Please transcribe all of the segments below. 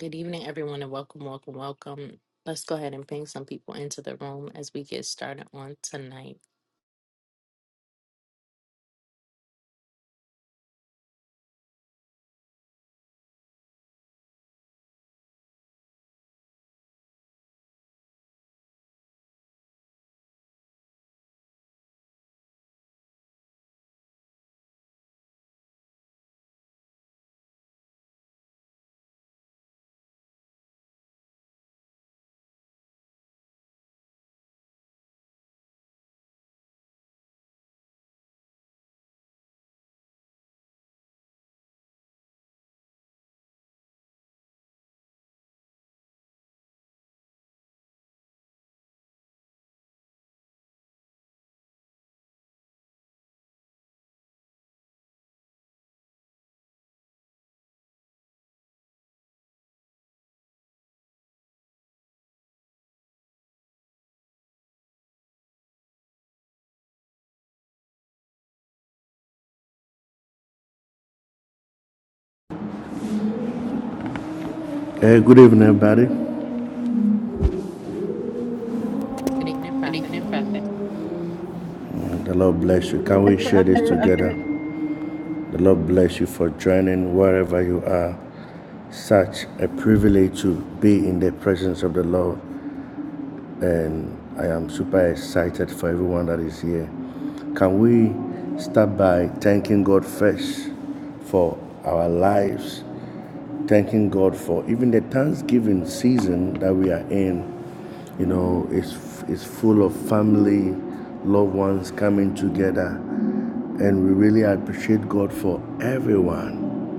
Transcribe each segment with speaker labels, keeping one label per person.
Speaker 1: Good evening, everyone, and welcome, welcome, welcome. Let's go ahead and bring some people into the room as we get started on tonight.
Speaker 2: Hey, good evening, everybody.
Speaker 1: Good evening,
Speaker 2: Good
Speaker 1: Prophet.
Speaker 2: evening, Prophet. The Lord bless you. Can we
Speaker 3: And
Speaker 2: share this
Speaker 3: Prophet.
Speaker 2: together? The Lord bless you for joining wherever you are. Such a privilege to be in the presence of the Lord. and I am super excited for everyone that is here. Can we start by thanking God first for our lives? Thanking God for even the Thanksgiving season that we are in. You know, it's, it's full of family, loved ones coming together, and we really appreciate God for everyone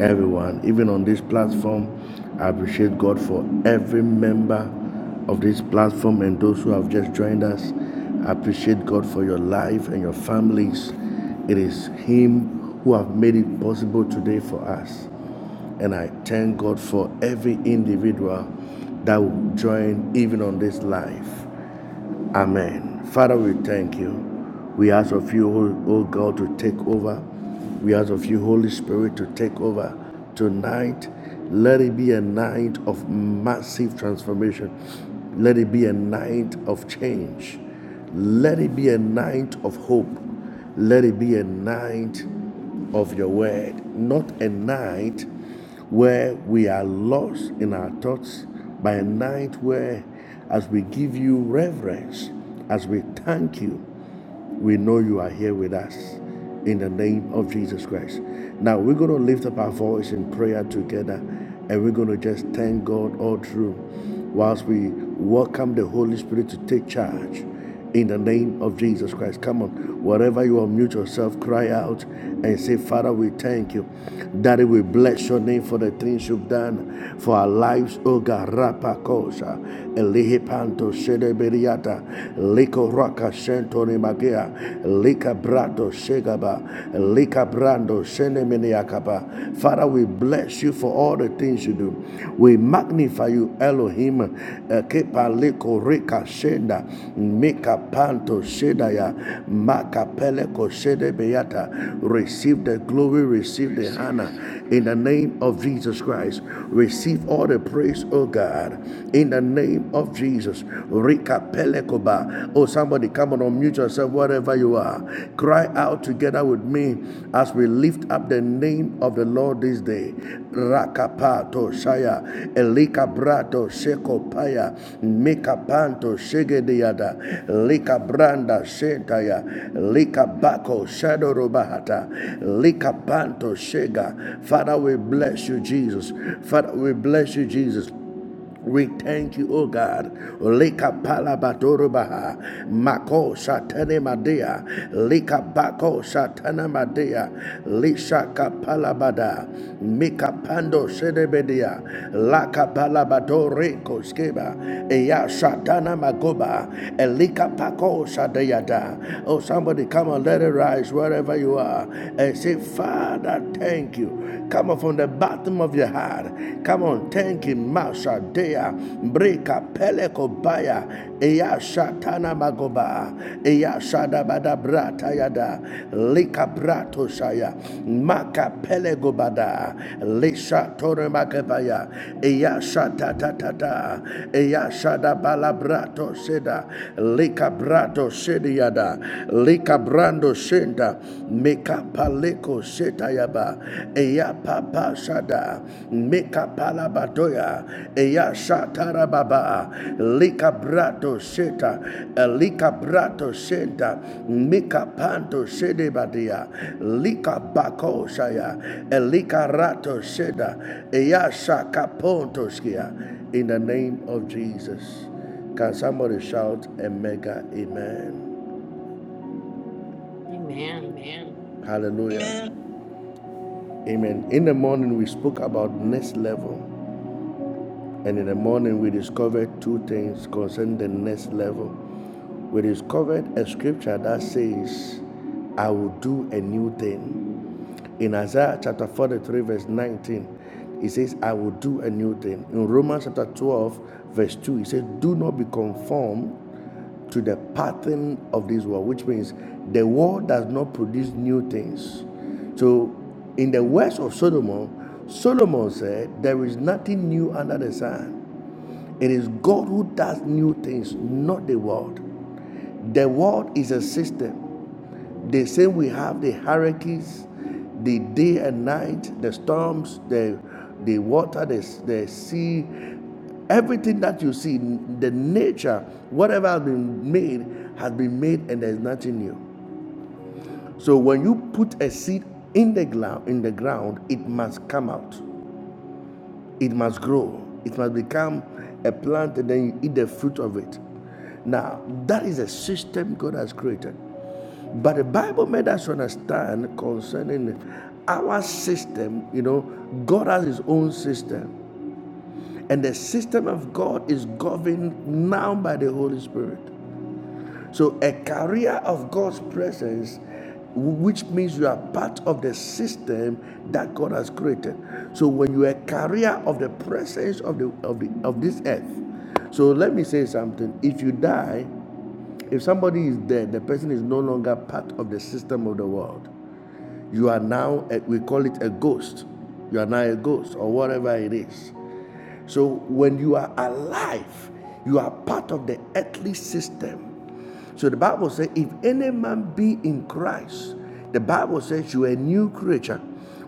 Speaker 2: everyone, even on this platform. I appreciate God for every member of this platform and those who have just joined us. I appreciate God for your life and your families. It is Him who have made it possible today for us. And I thank God for every individual that will join even on this live. Amen. Father, we thank you. We ask of you, O O God, to take over. We ask of you, Holy Spirit, to take over tonight. Let it be a night of massive transformation. Let it be a night of change. Let it be a night of hope. Let it be a night of your word. Not a night where we are lost in our thoughts by a night where as we give you reverence, as we thank you, we know you are here with us in the name of Jesus Christ. Now we're going to lift up our voice in prayer together and we're going to just thank God all through whilst we welcome the Holy Spirit to take charge in the name of Jesus Christ. Come on, wherever you unmute yourself, cry out and say, Father, we thank you. Daddy, we bless your name for the things you've done for our lives. O God, Rapa Kosa, Elihi Panto, Liko Raka, Shentoni Magia, Lika Brato, Shegaba, Lika Brando, Shene Meniakaba. Father, we bless you for all the things you do. We magnify you, Elohim. Eh, Kepaleko reka shenda, meka panto sheda ya, makapeleko shede beyata. Receive the glory, receive the honor in the name of Jesus Christ. Receive all the praise, oh God, in the name of Jesus. Reka peleko ba? Oh, somebody come on, unmute yourself, wherever you are. Cry out together with me as we leave lift up the name of the Lord this day. Rakapato Shaya, Elikabrato Shekopaya, Mikapanto Shegediada, Likabranda Shetaya, Likabako Shadorobahata, Likapanto Shega. Father, we bless you, Jesus. Father, we bless you, Jesus. We thank you, O God. Lika palabadoro baha Mako shatane madea. Lika bako satana madea. Lisha kapalabada. Mika pando shedebedia. Laka palabadore koskeba. Eya satana magoba. Elika pako shadeyada. Oh, somebody come and let it rise wherever you are and say, Father, thank you. Come up on from the bottom of your heart. Come on, thank him. Masha Dea, Breka Peleko Baya, Eya Shatana Magoba, Eya shada bada Brata Yada, Lika Brato Shaya, Maka Pelego Bada, Lisha Tore Makabaya, Eya Shata Tata, Eya Shada Balabrato Seda, Lika Brato Sediada, Lika Brando Senda, make Kapaleko Shetayaba, Eya Papa Shada, Meka batoya Eya Shatarababa, Lika Brato Sheta, Lika Brato Shenta, Mika Panto Shedebadia, Lika Bako Shaya, Eya Shakaponto Skia. In the name of Jesus. Can somebody shout a mega amen?
Speaker 1: Amen.
Speaker 2: Amen. Hallelujah. Amen. In the morning, we spoke about next level. And in the morning, we discovered two things concerning the next level. We discovered a scripture that says, I will do a new thing. In Isaiah chapter 43, verse 19, it says, I will do a new thing. In Romans chapter 12, verse 2, it says, Do not be conformed to the pattern of this world, which means the world does not produce new things. So, in the words of Solomon, Solomon said, There is nothing new under the sun. It is God who does new things, not the world. The world is a system. The same we have the hurricanes, the day and night, the storms, the the water, the, the sea, everything that you see, the nature, whatever has been made, has been made, and there's nothing new. So when you put a seed in the ground, in the ground, it must come out it must grow it must become a plant and then you eat the fruit of it now that is a system god has created but the bible made us understand concerning our system you know god has his own system and the system of god is governed now by the holy spirit so, a carrier of God's presence, which means you are part of the system that God has created. So, when you are a carrier of the presence of the of the of this earth, so let me say something. If you die, if somebody is dead, the person is no longer part of the system of the world. You are now a, we call it a ghost. You are now a ghost or whatever it is. So when you are alive, you are part of the earthly system. So the Bible says, if any man be in Christ, the Bible says you are a new creature,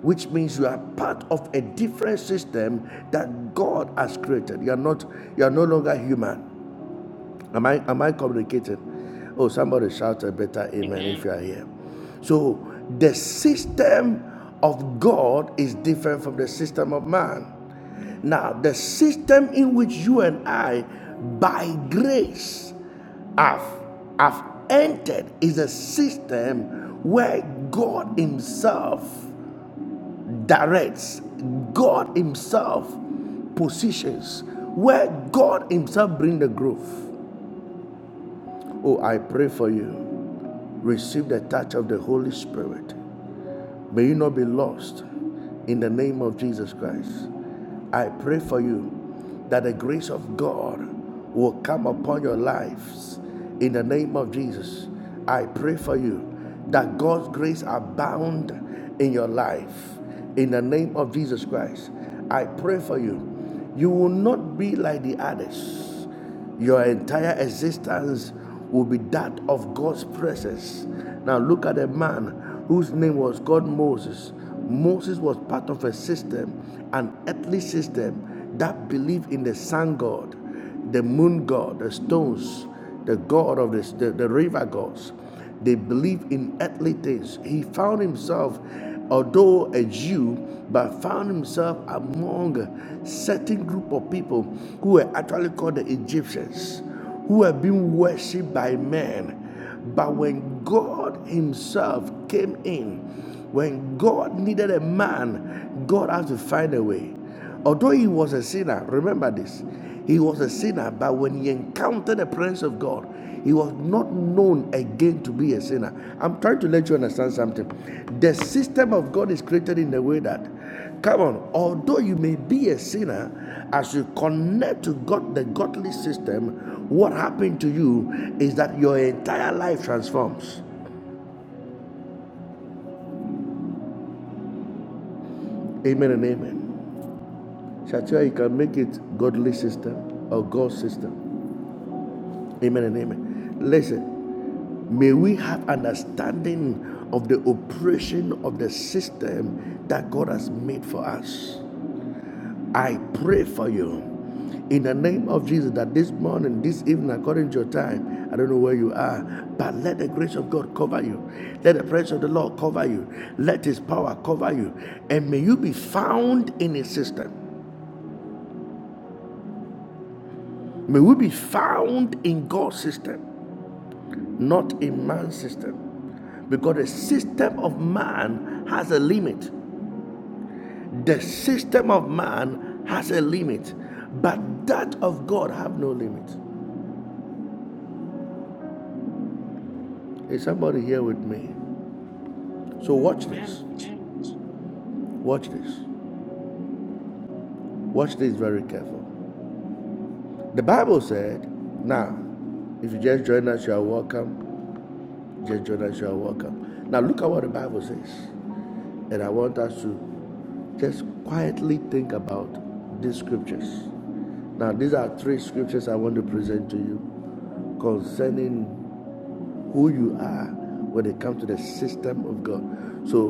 Speaker 2: which means you are part of a different system that God has created. You are not, you are no longer human. Am I am I communicating? Oh, somebody shout a better amen, if you are here. So the system of God is different from the system of man. Now, the system in which you and I, by grace, have, have entered is a system where God Himself directs, God Himself positions, where God Himself brings the growth. Oh, I pray for you. Receive the touch of the Holy Spirit. May you not be lost in the name of Jesus Christ. I pray for you that the grace of God will come upon your lives in the name of Jesus. I pray for you that God's grace abound in your life in the name of Jesus Christ. I pray for you. You will not be like the others your entire existence will be that of God's presence. Now look at a man whose name was God Moses. Moses was part of a system, an earthly system that believed in the sun god, the moon god, the stones, the god of this, the, the river gods. They believe in earthly things. He found himself, although a Jew, but found himself among a certain group of people who were actually called the Egyptians, who were been worshipped by men. But when God Himself came in, when God needed a man, God had to find a way. Although he was a sinner, remember this, he was a sinner, but when he encountered the presence of God, he was not known again to be a sinner. I'm trying to let you understand something. The system of God is created in a way that Come on, although you may be a sinner, as you connect to God, the godly system, what happened to you is that your entire life transforms. Amen and amen. Shatia, you can make it godly system or God system. Amen and amen. Listen, may we have understanding of the operation of the system that God has made for us. I pray for you in the name of Jesus that this morning, this evening, according to your time, I don't know where you are, but let the grace of God cover you. Let the presence of the Lord cover you. Let His power cover you. And may you be found in His system. May we be found in God's system, not in man's system because the system of man has a limit. The system of man has a limit, but that of God have no limit. Is somebody here with me? So watch
Speaker 1: Amen.
Speaker 2: this. Watch this. Watch this very careful. The Bible said, now, if you just join us, you are welcome. Just join us, you are welcome. Now look at what the Bible says. And I want us to just quietly think about these scriptures. Now, these are three scriptures I want to present to you concerning who you are when it comes to the system of God. So,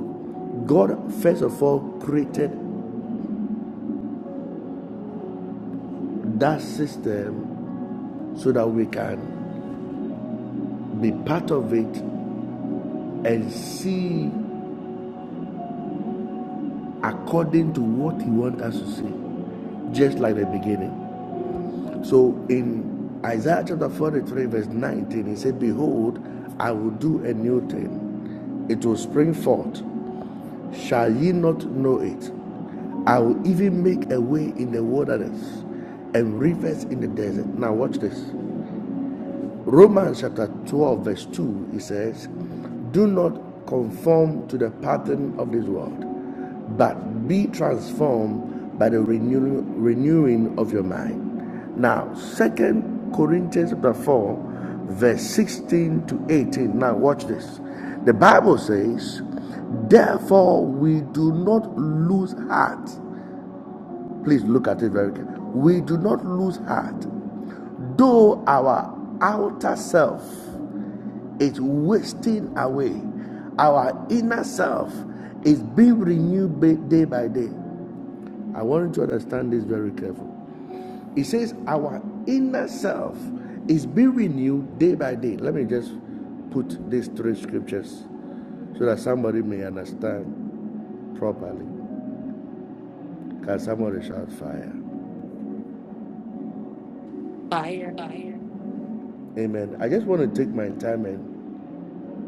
Speaker 2: God, first of all, created that system so that we can be part of it and see according to what He wants us to see, just like the beginning. So in Isaiah chapter 43, verse 19, He said, Behold, I will do a new thing, it will spring forth. Shall ye not know it? I will even make a way in the wilderness and rivers in the desert. Now, watch this. Romans chapter 12, verse 2, it says, Do not conform to the pattern of this world, but be transformed by the renew- renewing of your mind. Now, Second Corinthians 4, verse 16 to 18. Now, watch this. The Bible says, Therefore, we do not lose heart Please look at it very carefully. We do not lose heart, though our outer self is wasting away, our inner self is being renewed day by day. I want you to understand this very carefully. It says our inner self is being renewed day by day. Let me just put these three scriptures so that somebody may understand properly. Can somebody shout fire?
Speaker 1: Fire.
Speaker 2: fire? Amen. I just want to take my time and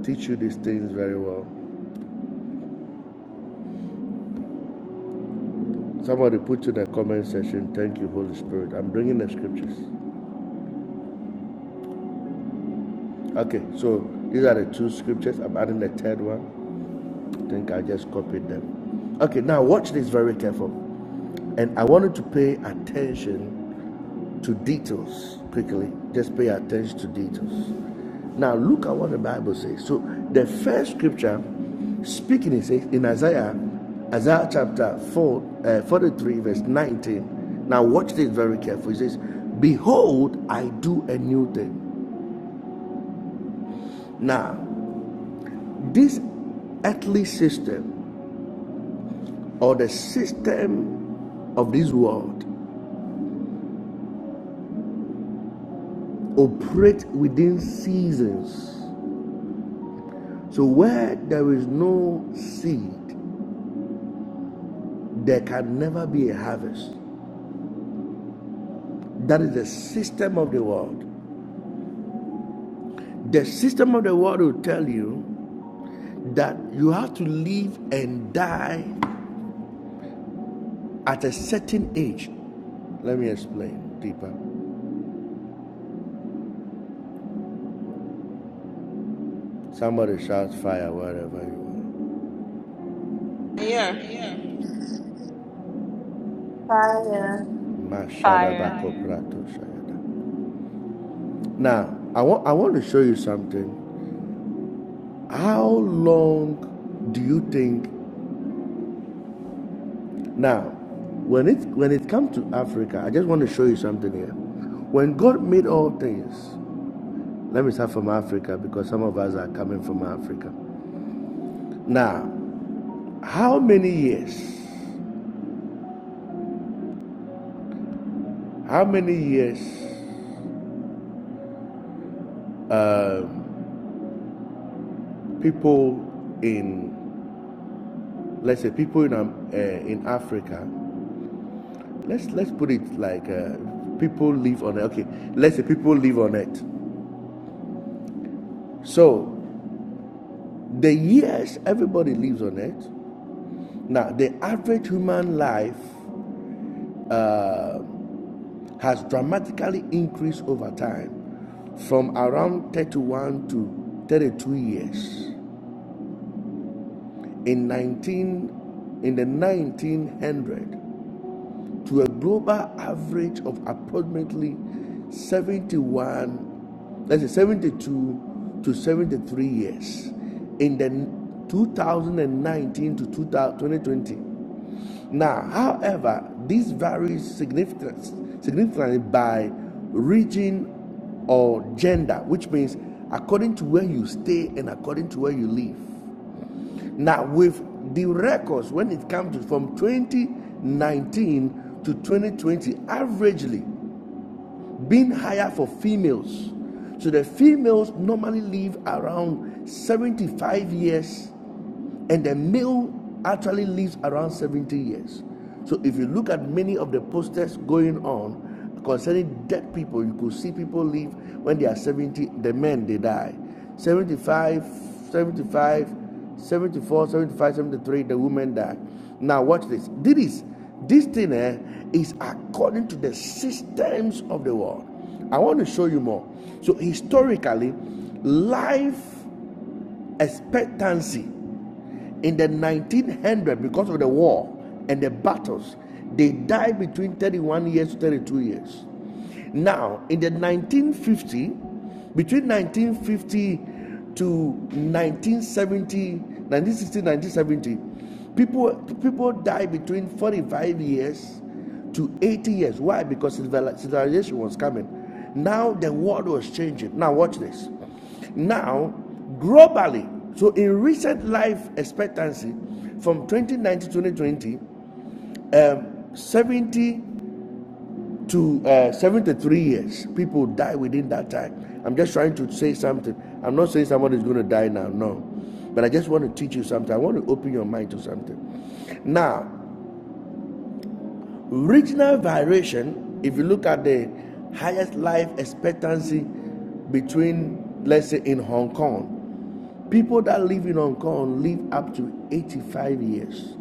Speaker 2: teach you these things very well. Somebody put in the comment section, thank you, Holy Spirit. I'm bringing the scriptures. Okay, so these are the two scriptures. I'm adding the third one. I think I just copied them. Okay, now watch this very careful. And I wanted to pay attention to details quickly. Just pay attention to details. Now look at what the Bible says. So the first scripture speaking it says in Isaiah, Isaiah chapter 4, uh, 43, verse 19. Now watch this very carefully. It says, Behold, I do a new thing. Now, this earthly system or the system of this world operate within seasons. So where there is no seed, there can never be a harvest. That is the system of the world. The system of the world will tell you that you have to live and die at a certain age. Let me explain deeper. Somebody shouts fire wherever you are.
Speaker 4: Yeah.
Speaker 5: Fire.
Speaker 6: Fire.
Speaker 2: Mashadabakopratoshayada. Now, I want, I want to show you something. How long do you think Now, when it when it comes to Africa, I just want to show you something here. When God made all things, let me start from Africa because some of us are coming from Africa. Now, how many years? How many years? um people in let's say people in um, uh, in Africa. Let's let's put it like uh, people live on it. okay. Let's say people live on it. So the years everybody lives on it Now, the average human life has dramatically increased over time from around 31 to 32 years. In 19 in the 1900, to a global average of approximately 71, let's say 72 to 73 years in the 2019 to 2020. Now, however, this varies significantly by region or gender, which means according to where you stay and according to where you live. Now, with the records, when it comes to from 2019 to 2020, averagely being higher for females. So the females normally live around 75 years, and the male actually lives around 70 years. So if you look at many of the posters going on concerning dead people, you could see people live when they are 70, the men they die. 75, 75, 74, 75, 73. the woman died. Now, watch this. This, this thing eh, is according to the systems of the world. I want to show you more. So, historically, life expectancy in the 1900, because of the war and the battles, they died between 31 years to 32 years. Now, in the 1950, between 1950 to 1970, 1960, 1970, people people die between 45 years to 80 years. Why? Because civilization was coming. Now the world was changing. Now watch this. Now, globally, so in recent life expectancy from 2019 to 2020, um, 70 to uh, 73 years, people die within that time. I'm just trying to say something. I'm not saying someone is going to die now, no. But I just want to teach you something. I want to open your mind to something. Now, regional variation, if you look at the highest life expectancy between, let's say, in Hong Kong. People that live in Hong Kong live up to 85 years.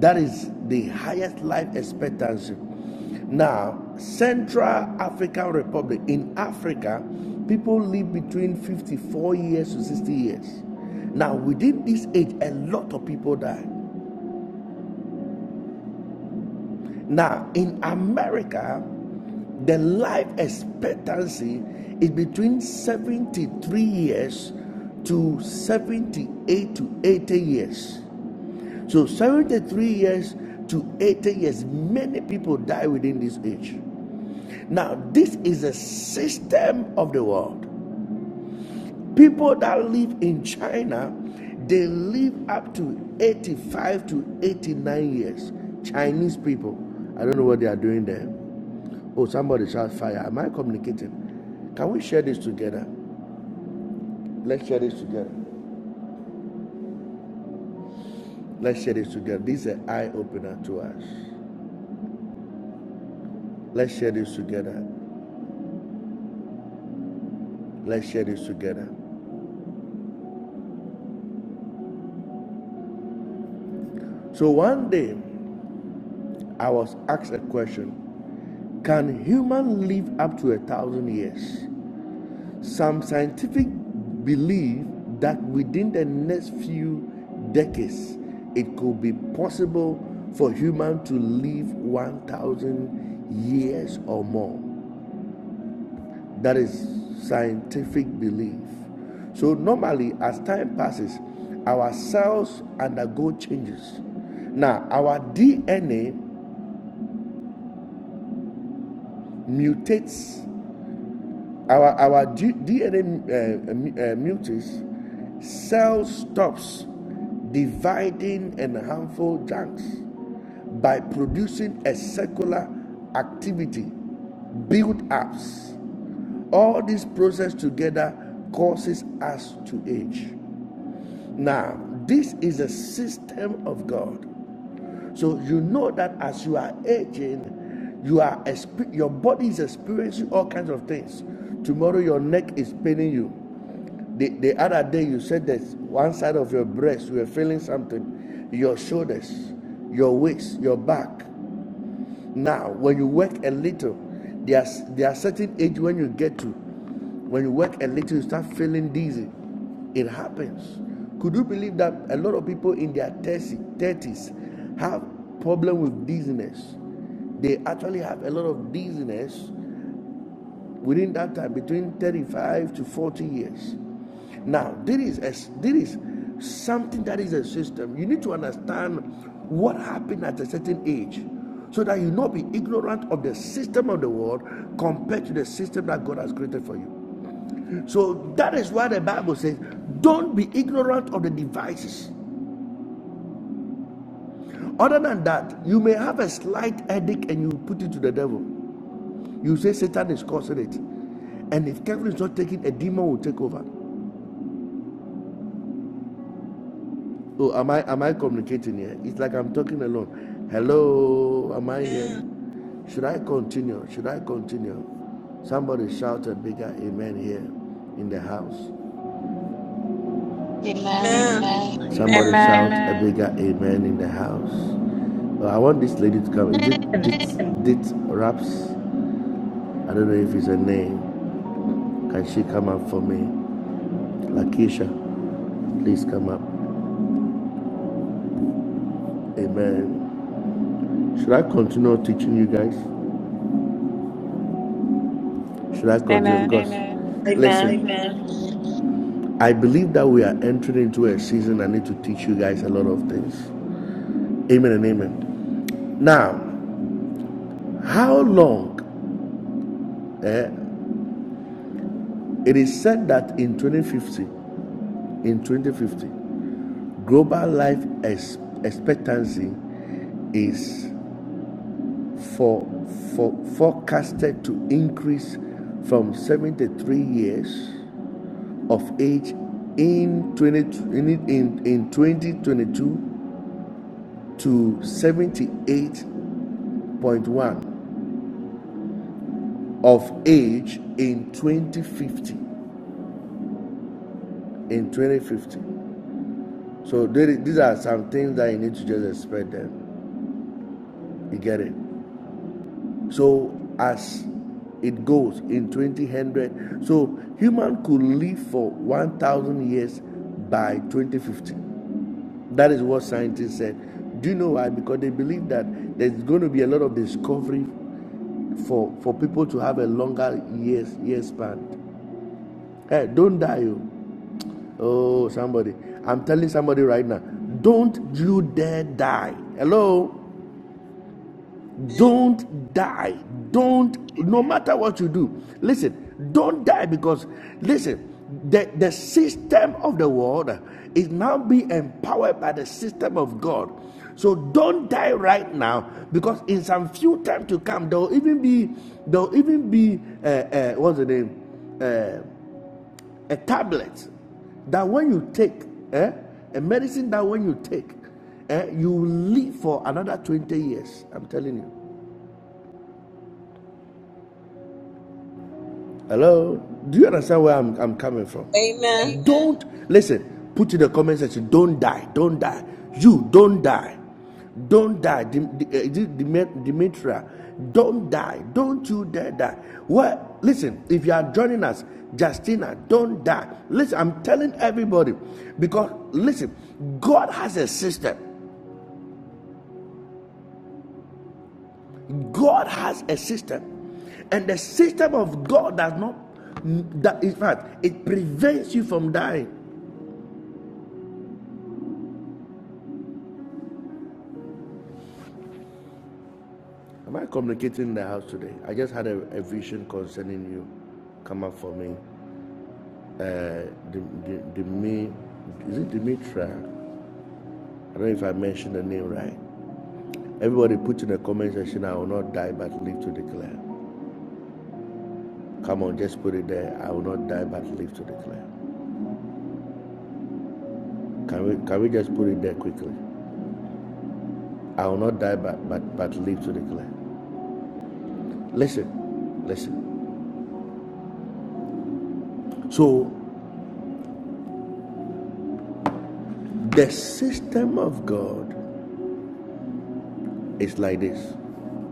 Speaker 2: That is the highest life expectancy. Now, Central African Republic, in Africa, people live between 54 years to 60 years. Now, within this age, a lot of people die. Now, in America, the life expectancy is between 73 years to 78 to 80 years. So 73 years to 80 years, many people die within this age. Now, this is a system of the world. People that live in China, they live up to 85 to 89 years. Chinese people. I don't know what they are doing there. Oh, somebody shout fire. Am I communicating? Can we share this together? Let's share this together. Let's share this together. This is an eye opener to us. Let's share this together. Let's share this together. So one day I was asked a question Can human live up to a thousand years? Some scientific believe that within the next few decades it could be possible for human to live 1000 years or more. That is scientific belief. So normally, as time passes, our cells undergo changes. Now, our DNA mutates Our our DNA uh, uh, mu- uh, mutates cell stops dividing and harmful junks by producing a circular activity, build ups. All this process together causes us to age. Now, this is a system of God. So you know that as you are aging, you are exp- your body is experiencing all kinds of things. Tomorrow your neck is paining you. The, the other day you said that one side of your breast you were feeling something, your shoulders, your waist, your back. Now, when you work a little, there's there are certain age when you get to, when you work a little, you start feeling dizzy. It happens. Could you believe that a lot of people in their 30s have problem with dizziness? They actually have a lot of dizziness within that time between 35 to 40 years. Now, there is a, there is something that is a system. You need to understand what happened at a certain age so that you not be ignorant of the system of the world compared to the system that God has created for you. So that is why the Bible says, don't be ignorant of the devices. Other than that, you may have a slight headache and you put it to the devil. You say Satan is causing it. And if Kevin is not taking, a demon will take over. Oh, am I am I communicating here? It's like I'm talking alone. Hello, am I here? Should I continue? Should I continue? Somebody shout a bigger amen here in the house.
Speaker 5: Amen.
Speaker 4: Amen.
Speaker 2: Amen. Somebody shout amen. a
Speaker 6: Amen.
Speaker 2: bigger amen in the house. Oh, I want this lady to come. Is it
Speaker 3: And
Speaker 2: Dit Dit Raps? I don't know if it's a name. Can she come up for me? Lakeisha, please come up. Amen. Should I continue teaching you guys? Should I continue?
Speaker 6: Amen.
Speaker 2: Because Amen. listen,
Speaker 4: Amen.
Speaker 2: Amen. I believe that we are entering into a season I need to teach you guys a lot of things. Amen and amen. Now, how long? eh, it is said that in 2050, in 2050, global life expectancy is for, for forecasted to increase from 73 years of age in 20 in, in, in 2022 to 78.1 of age in 2050. In 2050. So there is- these are some things that you need to just expect them. You get it? So as it goes in 2000, so human could live for 1,000 years by 2050. That is what scientists said. Do you know why? Because they believe that there's going to be a lot of discovery for, for people to have a longer years year span. Hey, don't die. you. Oh, somebody. I'm telling somebody right now. Don't you dare die. Hello? Don't die. Don't, no matter what you do. Listen, don't die because, listen, the, the system of the world is now being empowered by the system of God. So don't die right now because in some few time to come, there will even be, there will even be, uh, uh, what's the name? Uh, a tablet that when you take, eh, a medicine that when you take, eh, you live for another 20 years. I'm telling you. Hello? Do you understand where I'm, I'm coming from?
Speaker 4: Amen.
Speaker 2: Amen. Don't listen, put in the comment section, don't die, don't die. You don't die. Don't die. Dim- eh, Demetria, don't die. Don't you dare die. Well, listen, if you are joining us, Justina, don't die. Listen, I'm telling everybody because listen, God has a system. God has a system, and the system of God does not that in fact it prevents you from dying. Am I communicating in the house today? I just had a, a vision concerning you come up for me. Uh, the, the, the me is it Dimitra? I don't know if I mentioned the name right. Everybody put in the comment section, I will not die but live to declare. Come on, just put it there. I will not die but live to declare. Can we can we just put it there quickly? I will not die but but, but live to declare. Listen, listen. So the system of God is like this.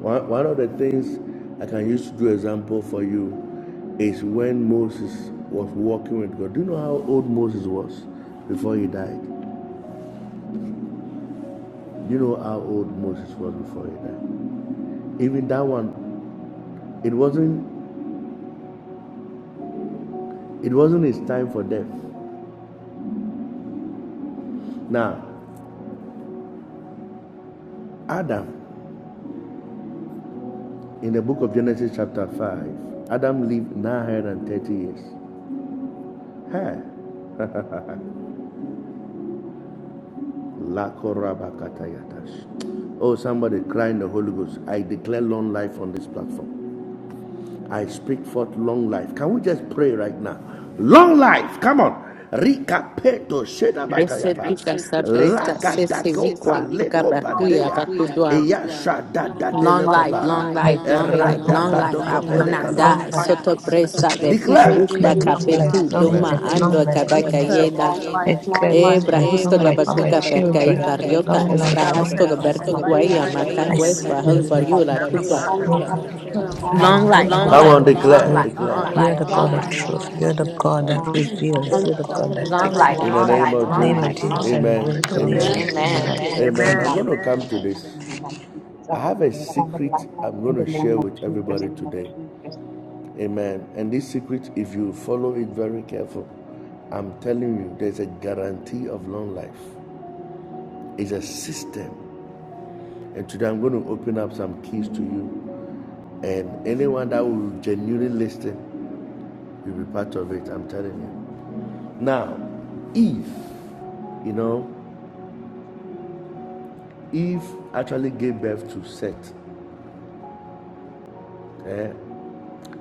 Speaker 2: One, one of the things I can use to do example for you is when Moses was walking with God. Do you know how old Moses was before he died? Do you know how old Moses was before he died? Even that one, it wasn't it wasn't his time for death. Now, Adam, in the book of Genesis chapter 5, Adam lived 930 years. Huh? Oh, somebody crying the Holy Ghost. I declare long life on this platform. I speak forth long life. Can we just pray right now? Long life, come on. Rikapeto
Speaker 1: Blessed be
Speaker 2: shedabatayaba.
Speaker 1: the celebrator, Sese
Speaker 2: Rakadagopa
Speaker 1: Wigwa, Buga Bakuya,
Speaker 2: lekobandea. Long
Speaker 1: Bakudwa. Long
Speaker 2: Eyashadadadelekopa.
Speaker 1: life, long
Speaker 7: I
Speaker 1: life, long
Speaker 7: declare
Speaker 1: life,
Speaker 7: long
Speaker 1: long
Speaker 7: life,
Speaker 1: life. I
Speaker 7: long
Speaker 1: will not
Speaker 7: life,
Speaker 2: Eradabadokopelekaba.
Speaker 7: long
Speaker 1: die.
Speaker 7: life.
Speaker 1: Soto presa Bresa, Bush
Speaker 7: I
Speaker 2: Declare.
Speaker 1: Bush
Speaker 7: declare long
Speaker 2: Declare.
Speaker 7: life,
Speaker 1: Bakapetu,
Speaker 7: long
Speaker 1: Doma,
Speaker 7: life, long
Speaker 1: Ando,
Speaker 7: life upon this earth.
Speaker 1: Kabaka,
Speaker 7: I declare long life, long
Speaker 1: Ebrahisto
Speaker 7: life for my
Speaker 1: gabakuka perkai
Speaker 7: children,
Speaker 1: barriota
Speaker 8: in
Speaker 7: long
Speaker 8: long
Speaker 3: Father
Speaker 7: life,
Speaker 3: God,
Speaker 8: life,
Speaker 3: we
Speaker 7: long
Speaker 3: pray
Speaker 1: esbrahasto
Speaker 3: for
Speaker 7: life for
Speaker 3: long
Speaker 7: my
Speaker 1: gaberku
Speaker 3: life
Speaker 8: not
Speaker 1: guaya
Speaker 7: mother,
Speaker 3: tonight in the
Speaker 7: my
Speaker 3: mighty
Speaker 8: long
Speaker 3: name
Speaker 1: matakwes
Speaker 3: of
Speaker 8: life from
Speaker 1: bahos
Speaker 3: Jesus.
Speaker 7: siblings,
Speaker 8: this
Speaker 7: my
Speaker 1: bariula
Speaker 3: Thou
Speaker 8: person.
Speaker 7: family.
Speaker 3: can't put
Speaker 1: kutwa.
Speaker 3: out that
Speaker 7: Oh
Speaker 3: roof
Speaker 8: Having
Speaker 7: God,
Speaker 3: shit,
Speaker 7: the
Speaker 3: too.
Speaker 7: Heavenly
Speaker 8: long life,
Speaker 1: Long
Speaker 7: Father, you
Speaker 1: life,
Speaker 7: are
Speaker 2: Long Come
Speaker 7: the
Speaker 2: life,
Speaker 1: long
Speaker 2: on,
Speaker 1: life,
Speaker 7: God
Speaker 8: the
Speaker 7: of
Speaker 2: declare,
Speaker 1: long
Speaker 8: name of
Speaker 2: long
Speaker 1: life,
Speaker 7: hope.
Speaker 2: declare.
Speaker 8: Jesus,
Speaker 1: long
Speaker 2: life,
Speaker 7: You are
Speaker 1: life,
Speaker 7: the
Speaker 8: the
Speaker 2: long
Speaker 1: long
Speaker 7: God
Speaker 2: life,
Speaker 7: of
Speaker 1: life,
Speaker 7: truth.
Speaker 8: name
Speaker 2: long
Speaker 7: You are
Speaker 2: life,
Speaker 7: the God
Speaker 8: of
Speaker 2: You're the
Speaker 7: that
Speaker 8: long
Speaker 2: truth.
Speaker 3: They
Speaker 2: You're
Speaker 7: reveals.
Speaker 2: the
Speaker 8: life,
Speaker 7: You're the
Speaker 3: thought thou
Speaker 2: God
Speaker 7: God
Speaker 3: could
Speaker 7: that
Speaker 2: that
Speaker 3: no,
Speaker 2: will
Speaker 1: long
Speaker 3: no,
Speaker 7: takes
Speaker 3: no,
Speaker 1: life,
Speaker 2: bring
Speaker 7: and
Speaker 8: long
Speaker 2: In
Speaker 3: no,
Speaker 2: the
Speaker 7: gives.
Speaker 2: redeems.
Speaker 3: no,
Speaker 1: long
Speaker 2: life, name
Speaker 3: no,
Speaker 1: life,
Speaker 2: of
Speaker 8: life,
Speaker 3: shit,
Speaker 7: In the
Speaker 3: shit.
Speaker 2: long
Speaker 1: long
Speaker 7: name
Speaker 2: life,
Speaker 7: of
Speaker 1: life,
Speaker 2: Jesus, long life,
Speaker 8: the
Speaker 2: long
Speaker 7: Jesus,
Speaker 1: long.
Speaker 7: I
Speaker 8: name
Speaker 2: amen,
Speaker 7: reveal
Speaker 2: life.
Speaker 8: of
Speaker 3: We
Speaker 2: Name of
Speaker 3: can't
Speaker 7: long
Speaker 3: put it
Speaker 2: amen,
Speaker 7: life,
Speaker 8: Jesus,
Speaker 2: Jesus.
Speaker 7: long
Speaker 1: Amen.
Speaker 3: shit, too.
Speaker 2: Amen.
Speaker 7: life.
Speaker 2: amen. I'm going
Speaker 3: Amen.
Speaker 2: to come to this. I
Speaker 8: of
Speaker 2: have a
Speaker 8: long
Speaker 2: secret
Speaker 8: life,
Speaker 2: I'm
Speaker 8: in
Speaker 2: going
Speaker 8: the
Speaker 2: to share
Speaker 8: name of
Speaker 2: with
Speaker 8: Jesus.
Speaker 2: everybody today,
Speaker 8: Thank
Speaker 2: amen. And this secret, if you follow it very careful, I'm telling you, there's a guarantee of long life. It's a system. And today I'm going to open up some keys to you. And anyone that will genuinely listen will be part of it, I'm telling you. Now, Eve, you know, Eve actually gave birth to Seth.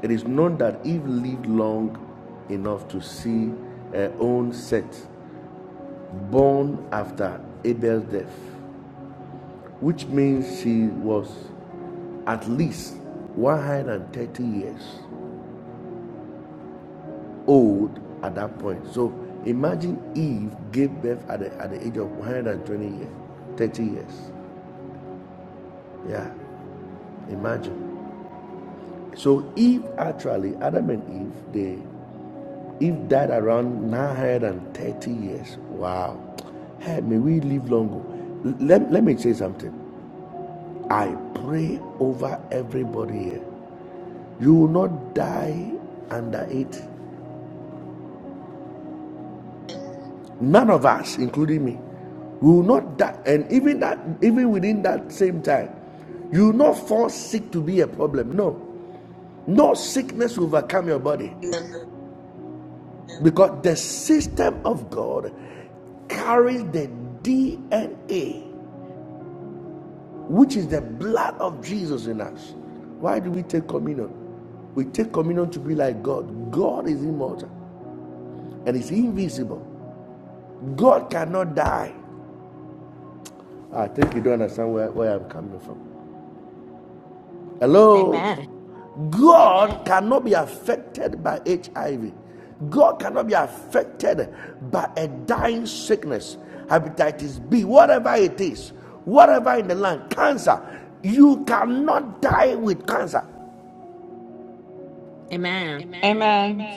Speaker 2: It is known that Eve lived long enough to see her own Seth born after Abel's death, which means she was at least 130 years old at that point. So imagine Eve gave birth at the, at the age of 120 years, 30 years. Yeah, imagine. So Eve actually, Adam and Eve, they Eve died around 930 years. Wow. Hey, may we live longer. Let, let me say something. I pray over everybody here. You will not die under it. None of us, including me, we will not die. And even that, even within that same time, you will not fall sick to be a problem. No. No sickness will overcome your body.
Speaker 4: Amen.
Speaker 2: Because the system of God carries the DNA, which is the blood of Jesus in us. Why do we take communion? We take communion to be like God. God is immortal and is invisible. God cannot die. I think you don't understand where, where I'm coming from. Hello?
Speaker 1: Amen.
Speaker 2: God cannot be affected by HIV. God cannot be affected by a dying sickness, hepatitis B, whatever it is, whatever in the land, cancer. You cannot die with cancer.
Speaker 1: Amen.
Speaker 6: Amen.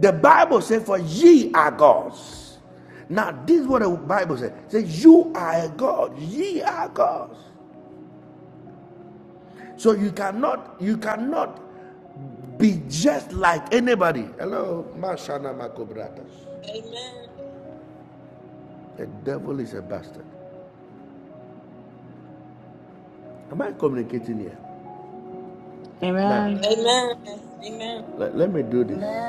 Speaker 2: The Bible says, For ye are gods. Now, this is what the Bible says. It says, You are a God, ye are gods. So you cannot, you cannot be just like anybody. Hello, Mashana Makobratas. The devil is a bastard. Am I communicating here? Now,
Speaker 6: Amen.
Speaker 2: Amen.
Speaker 4: Amen.
Speaker 2: let, let me do this. Amen.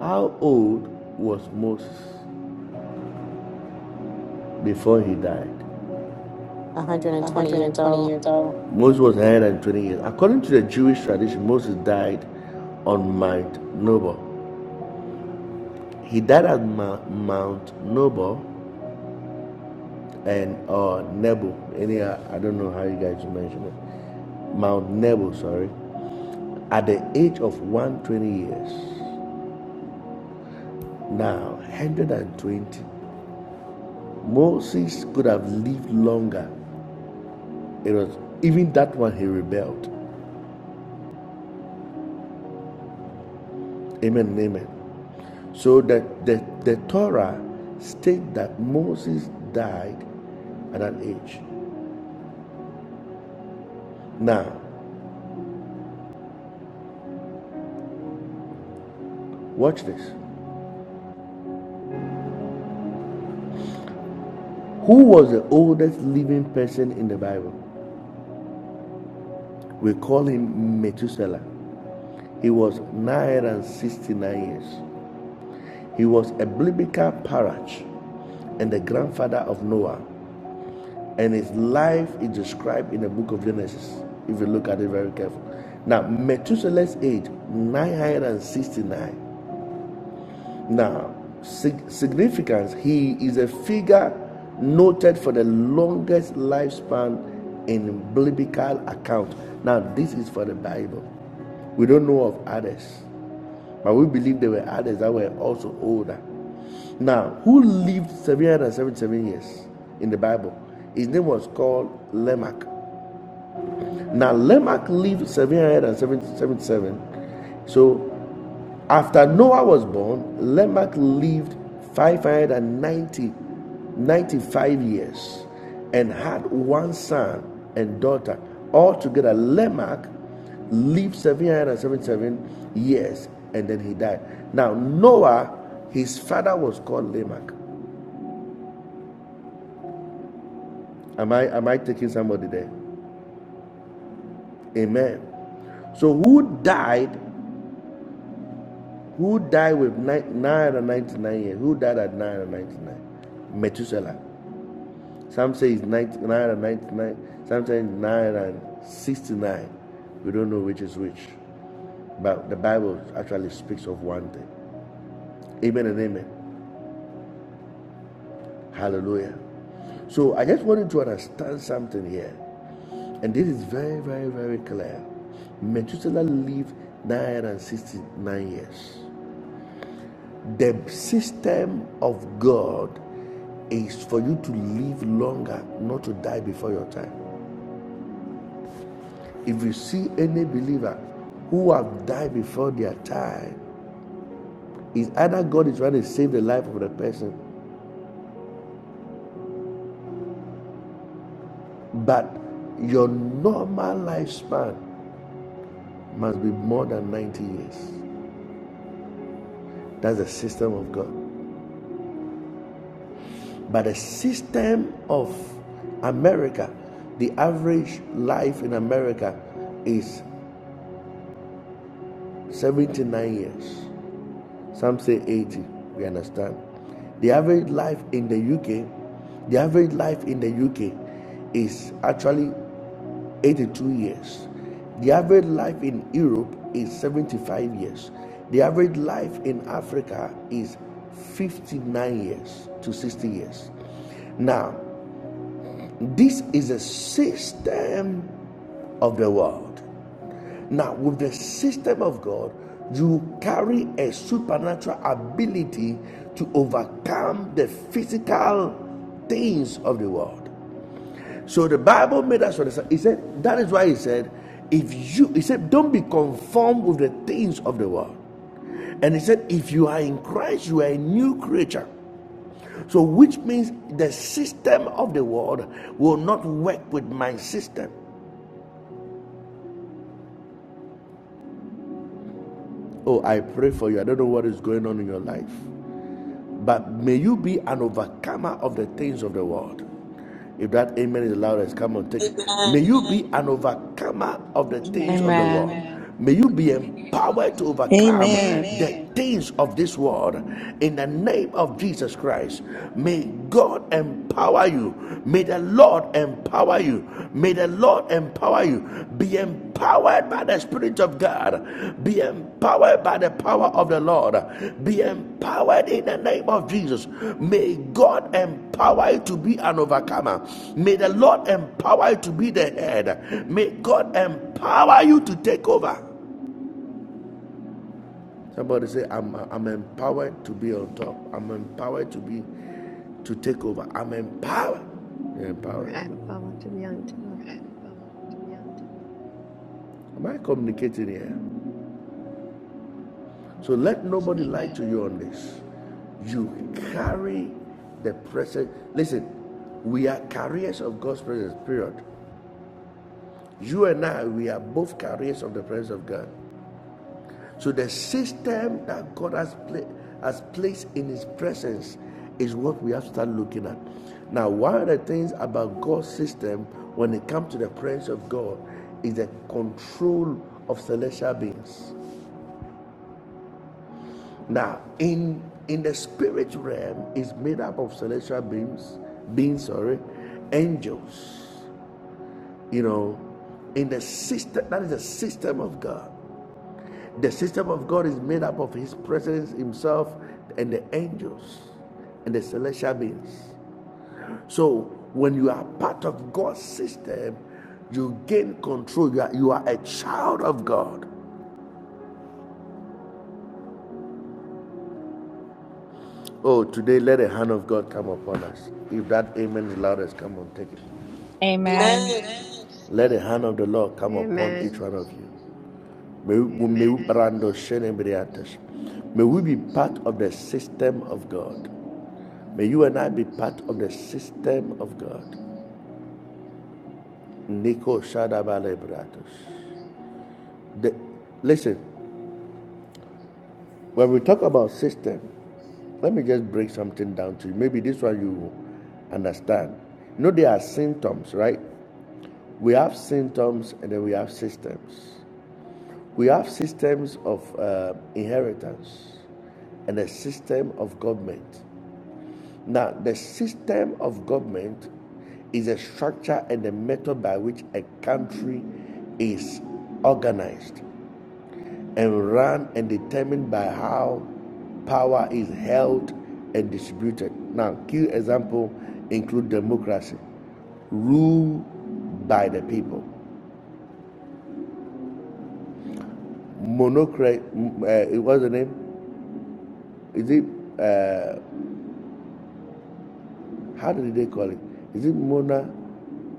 Speaker 2: How old was Moses before he died?
Speaker 1: 120 years
Speaker 2: 120
Speaker 1: old.
Speaker 2: years old. Moses was 120 years. According to the Jewish tradition, Moses died on Mount Nebo. He died at Ma- Mount Nebo. and or uh, Nebo. Anyhow, I don't know how you guys mention it. Mount Nebo, sorry. At the age of 120 years, now 120, Moses could have lived longer. It was even that one he rebelled. Amen amen. So that the, the Torah states that Moses died at that age. Now, watch this. Who was the oldest living person in the Bible? We call him Methuselah. He was 969 years. He was a biblical parach and the grandfather of Noah. And his life is described in the book of Genesis, if you look at it very carefully. Now, Methuselah's age, 969. Now, sig- significance, he is a figure noted for the longest lifespan in biblical account. Now, this is for the Bible. We don't know of others, but we believe there were others that were also older. Now, who lived 777 years in the Bible? His name was called Lamech. Now Lamech lived 777. So after Noah was born, Lamech lived 590 95 years and had one son and daughter. Altogether, Lamech lived 777 years and then he died. Now, Noah, his father was called Lamech. Am I, am I taking somebody there? Amen. So, who died Who died with ni- 999 years? Who died at 999? Methuselah. Some say it's 90 999, some say it's 969. We don't know which is which. But the Bible actually speaks of one thing. Amen and amen. Hallelujah. So I just wanted to understand something here. And this is very, very, very clear. Methuselah lived 969 years. The system of God is for you to live longer, not to die before your time. If you see any believer who have died before their time, it's either God is trying to save the life of the person, but your normal lifespan must be more than 90 years. That's the system of God. But the system of America, the average life in America is 79 years. Some say 80. We understand. The average life in the UK, the average life in the UK is actually 82 years. The average life in Europe is 75 years. The average life in Africa is 59 years to 60 years. Now, this is a system of the world. Now, with the system of God, you carry a supernatural ability to overcome the physical things of the world. So the Bible made us understand. He said, that is why he said, if you, he said, don't be conformed with the things of the world. And he said, if you are in Christ, you are a new creature. So, which means the system of the world will not work with my system. Oh, I pray for you. I don't know what is going on in your life. But may you be an overcomer of the things of the world. If that amen is the loudest, come on, take it. May you be an overcomer of the things amen. of the world.
Speaker 6: Amen.
Speaker 2: Amen. May you be empowered to overcome amen.
Speaker 9: Amen.
Speaker 2: the things of this world in the name of Jesus Christ. May God empower you. May the Lord empower empower you. May the Lord empower you. Be empowered by the Spirit of God. Be empowered by the power of the Lord. Be empowered in the name of Jesus. May God empower you to be an overcomer. May the Lord empower you to be the head. May God empower you to take over. Somebody say, I'm, I'm empowered to be on top. I'm empowered to be to take over. I'm empowered. You're empowered.
Speaker 10: Right, power to be on top.
Speaker 2: Am I communicating here? So let nobody lie to you on this. You carry the presence. Listen, we are carriers of God's presence, period. You and I, we are both carriers of the presence of God. So the system that God has, pla- has placed in His presence is what we have to start looking at. Now, one of the things about God's system when it comes to the presence of God is the control of celestial beings. Now, in in the spirit realm, is made up of celestial beings, beings, sorry, angels. You know, in the system that is the system of God. The system of God is made up of His presence Himself and the angels and the celestial beings. So when you are part of God's system, you gain control. You are, you are a child of God. Oh, today let the hand of God come upon us. If that amen is loudest, come on, take it.
Speaker 6: Amen.
Speaker 4: Amen.
Speaker 2: Let the hand of the Lord come upon each
Speaker 10: Amen.
Speaker 2: one of you. May we, be part of the system of God. May you and I be part of the system of God. Nico Shadabale Bratos. Listen, when we talk about system, let me just break something down to you. Maybe this one you understand. You know, there are symptoms, right? We have symptoms and then we have systems. We have systems of uh, inheritance and a system of government. Now, the system of government is a structure and a method by which a country is organized and run and determined by how power is held and distributed. Now, key examples include democracy, rule by the people. Monocracy, uh, what's the name? Is it? Uh, How did they call it? Is it Mona?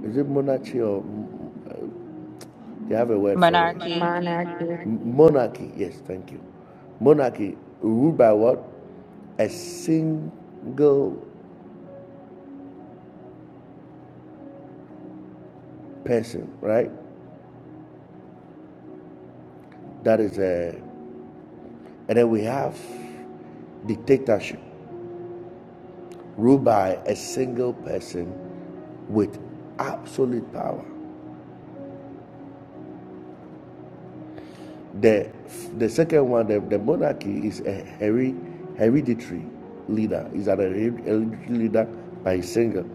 Speaker 2: Is it monarchy or they have a word for it?
Speaker 6: Monarchy.
Speaker 2: Monarchy.
Speaker 1: Monarchy.
Speaker 2: Monarchy. Monarchy. Yes, thank you. Monarchy ruled by what? A single person, right? That is a. And then we have dictatorship ruled by a single person with absolute power. The the second one, the, the monarchy is a heri- hereditary leader. Is that a hereditary leader by single?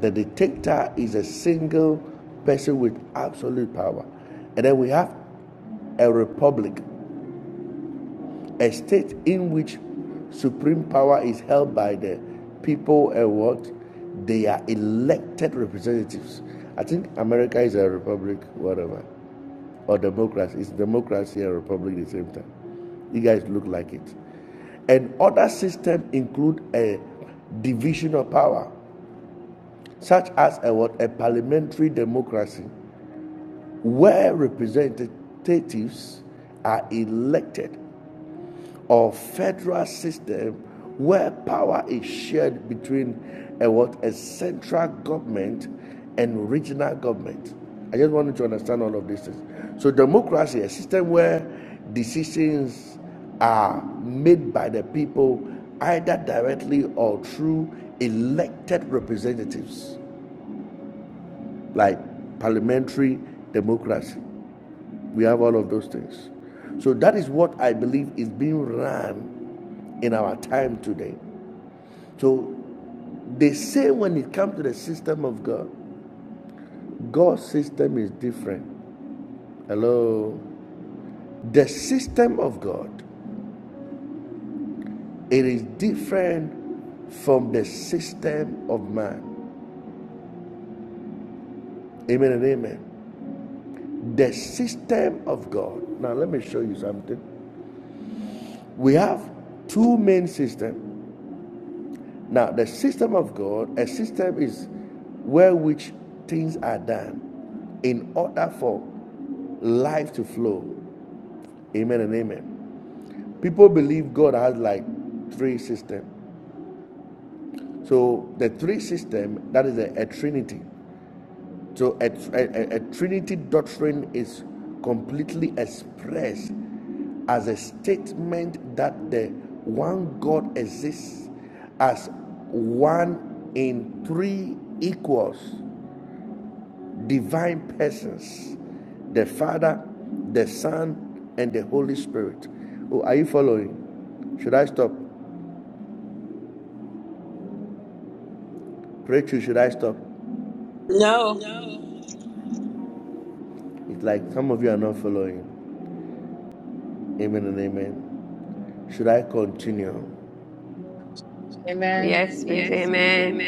Speaker 2: The dictator is a single person with absolute power, and then we have a republic, a state in which supreme power is held by the people and what they are elected representatives. I think America is a republic, whatever or democracy. It's democracy and republic at the same time. You guys look like it. And other systems include a division of power, such as a, what, a parliamentary democracy, where representatives are elected or federal system where power is shared between a what a central government and regional government. I just want you to understand all of these things. So democracy, a system where decisions are made by the people either directly or through elected representatives, like parliamentary democracy. We have all of those things. So that is what I believe is being run in our time today. So they say when it comes to the system of God, God's system is different. Hello? The system of God, it is different from the system of man. Amen and amen. The system of God. Now let me show you something. We have two main systems Now, the system of God, a system is where which things are done in order for life to flow. Amen and amen. People believe God has like three systems. So the three system that is a, a trinity. So a, a, a Trinity doctrine is completely expressed as a statement that the one God exists as one in three equals divine persons the Father, the Son, and the Holy Spirit. Oh, are you following? Should I stop? Pray to, should I stop?
Speaker 4: No.
Speaker 2: It's like some of you are not following. Amen and amen. Should I continue?
Speaker 6: Amen.
Speaker 10: Yes, please. Amen.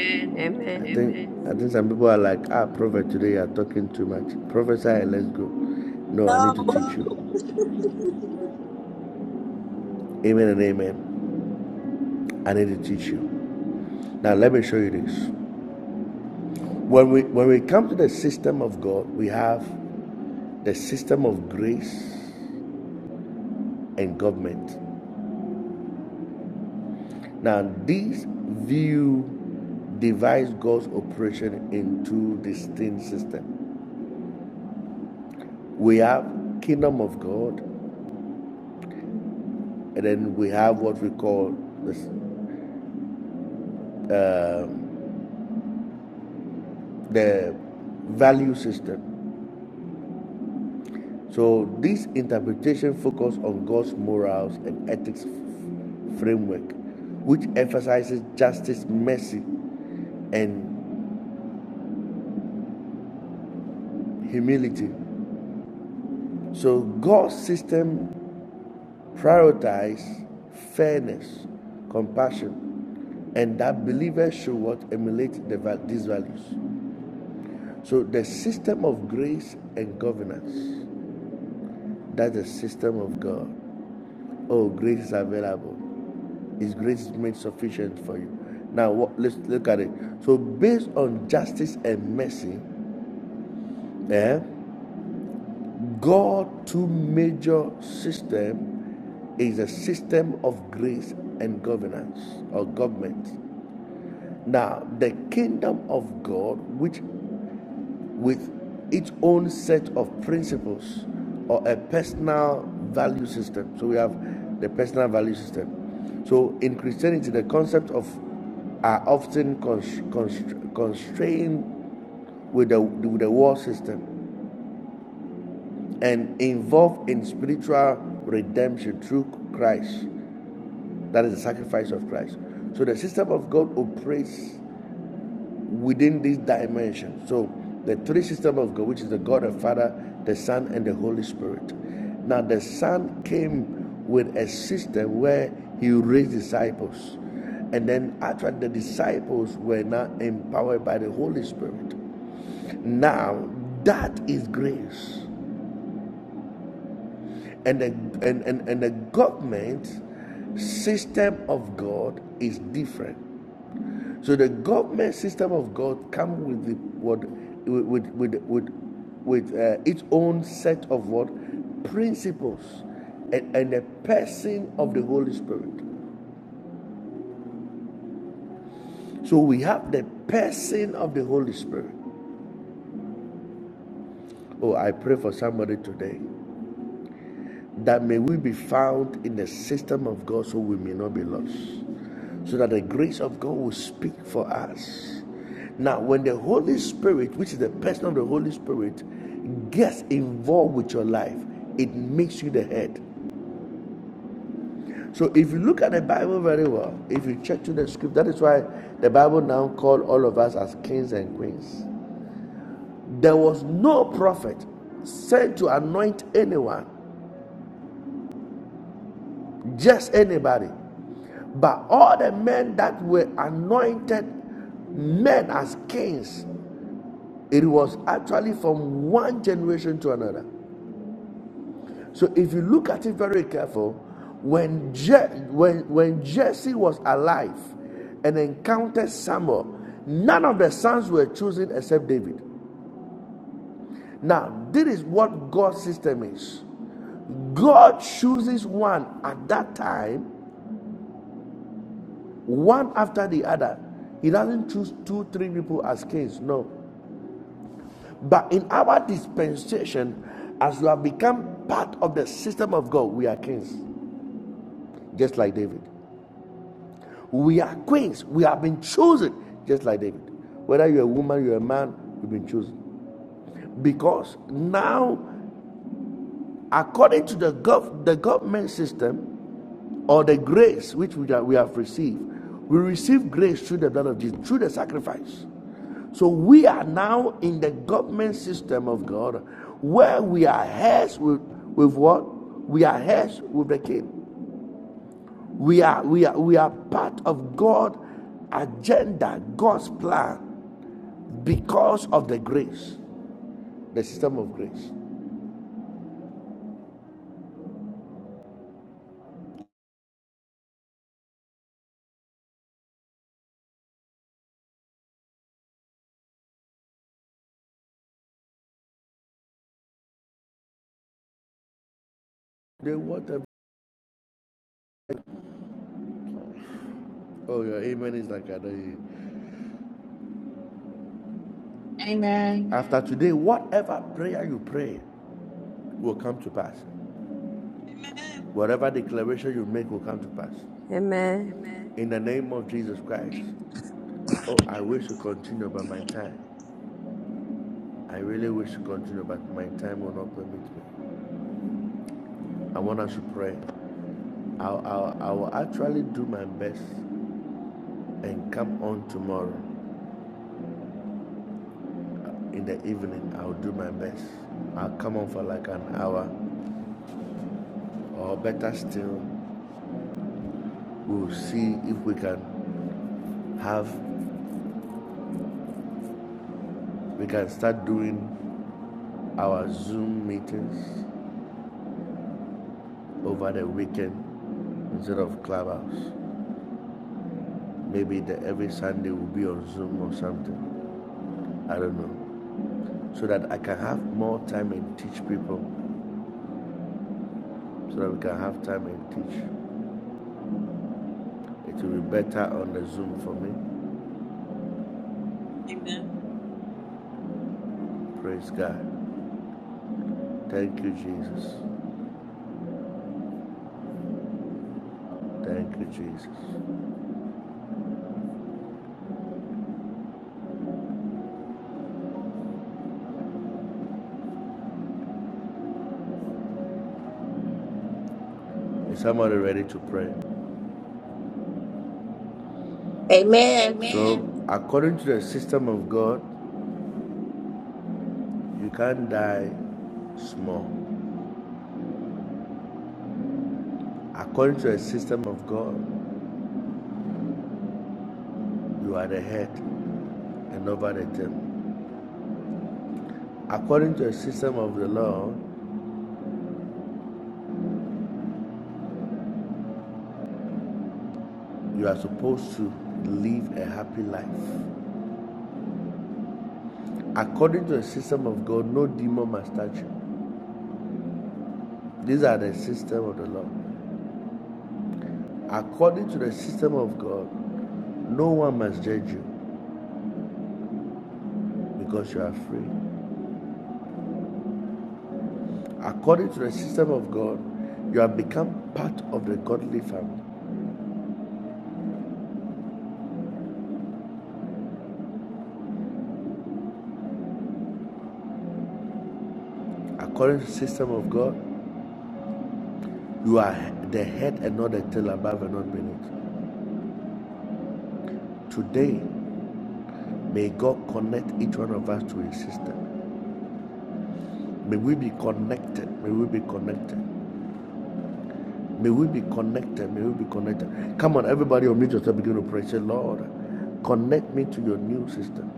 Speaker 2: I
Speaker 10: Amen.
Speaker 2: Amen. think I think some people are like, ah, prophet, today you are talking too much. Prophesy and let's go. No, I
Speaker 4: No.
Speaker 2: need to teach you. Amen and amen. I need to teach you. Now let me show you this. When we when we come to the system of God, we have the system of grace and government. Now these view divides God's operation into distinct systems. We have kingdom of God, and then we have what we call this Uh, the value system. So this interpretation focuses on God's morals and ethics f- framework, which emphasizes justice, mercy, and humility. So God's system prioritizes fairness, compassion, and that believers should what emulate the, these values. So the system of grace and governance, that's the system of God. Oh, grace is available. His grace is made sufficient for you. Now, what, let's look at it. So, based on justice and mercy, eh, God two major system is a system of grace and governance or government. Now, the kingdom of God, which with its own set of principles or a personal value system. So we have the personal value system. So in Christianity, the concept of are often constrained with the, with the world system and involved in spiritual redemption through Christ. That is the sacrifice of Christ. So the system of God operates within this dimension. So, the three system of God, which is the God the Father, the Son, and the Holy Spirit. Now, the Son came with a system where he raised disciples, and then actually the disciples were now empowered by the Holy Spirit. Now, that is grace, and the and and, and the government system of God is different. So the government system of God comes with the what with with with with uh, its own set of what principles and, and the person of the Holy Spirit. So we have the person of the Holy Spirit. Oh, I pray for somebody today. that may we be found in the system of God so we may not be lost. So that the grace of God will speak for us. Now, when the Holy Spirit, which is the person of the Holy Spirit, gets involved with your life, it makes you the head. So if you look at the Bible very well, if you check through the script, that is why the Bible now call all of us as kings and queens. There was no prophet sent to anoint anyone, just anybody. But all the men that were anointed men as kings, it was actually from one generation to another. So if you look at it very careful, when Je- when when Jesse was alive and encountered Samuel, none of the sons were chosen except David. Now, this is what God's system is. God chooses one at that time one after the other. He doesn't choose two, three people as kings, no. But in our dispensation, as we have become part of the system of God, we are kings, just like David. We are queens. We have been chosen, just like David. Whether you're a woman, you're a man, you've been chosen. Because now, according to the, gov- the government system, or the grace which we have, we have received. We receive grace through the blood of Jesus, through the sacrifice. So we are now in the government system of God where we are heirs with, with what? We are heirs with the king. We are, we are, we are part of God's agenda, God's plan because of the grace, the system of grace. Then whatever, oh, your amen is like, I don't hear
Speaker 6: Amen.
Speaker 2: after today, whatever prayer you pray will come to pass. Whatever declaration you make will come to pass.
Speaker 10: Amen.
Speaker 2: In the name of Jesus Christ. Oh, I wish to continue, but my time. I really wish to continue, but my time will not permit me. I want us to pray. I'll, I'll, I will actually do my best and come on tomorrow in the evening. I'll do my best. I'll come on for like an hour, or better still, we'll see if we can have, we can start doing our Zoom meetings over the weekend instead of clubhouse. Maybe the every Sunday will be on Zoom or something. I don't know. So that I can have more time and teach people. So that we can have time and teach. It will be better on the Zoom for me. Praise God. Thank you, Jesus. Thank you, Jesus. Is somebody ready to pray?
Speaker 11: Amen.
Speaker 2: Amen. So, according to the system of God, you can't die small. According to the system of God, you are the head and over the tail. According to the system of the law, you are supposed to live a happy life. According to the system of God, no demon must touch you. These are the system of the law. According to the system of God, no one must judge you because you are free. According to the system of God, you have become part of the godly family. According to the system of God, you are the head and not the tail above and not beneath. Today, may God connect each one of us to his system. May we be connected. May we be connected. May we be connected. May we be connected. Come on, everybody, unmute yourself. Begin to pray. Say, Lord, connect me to your new system.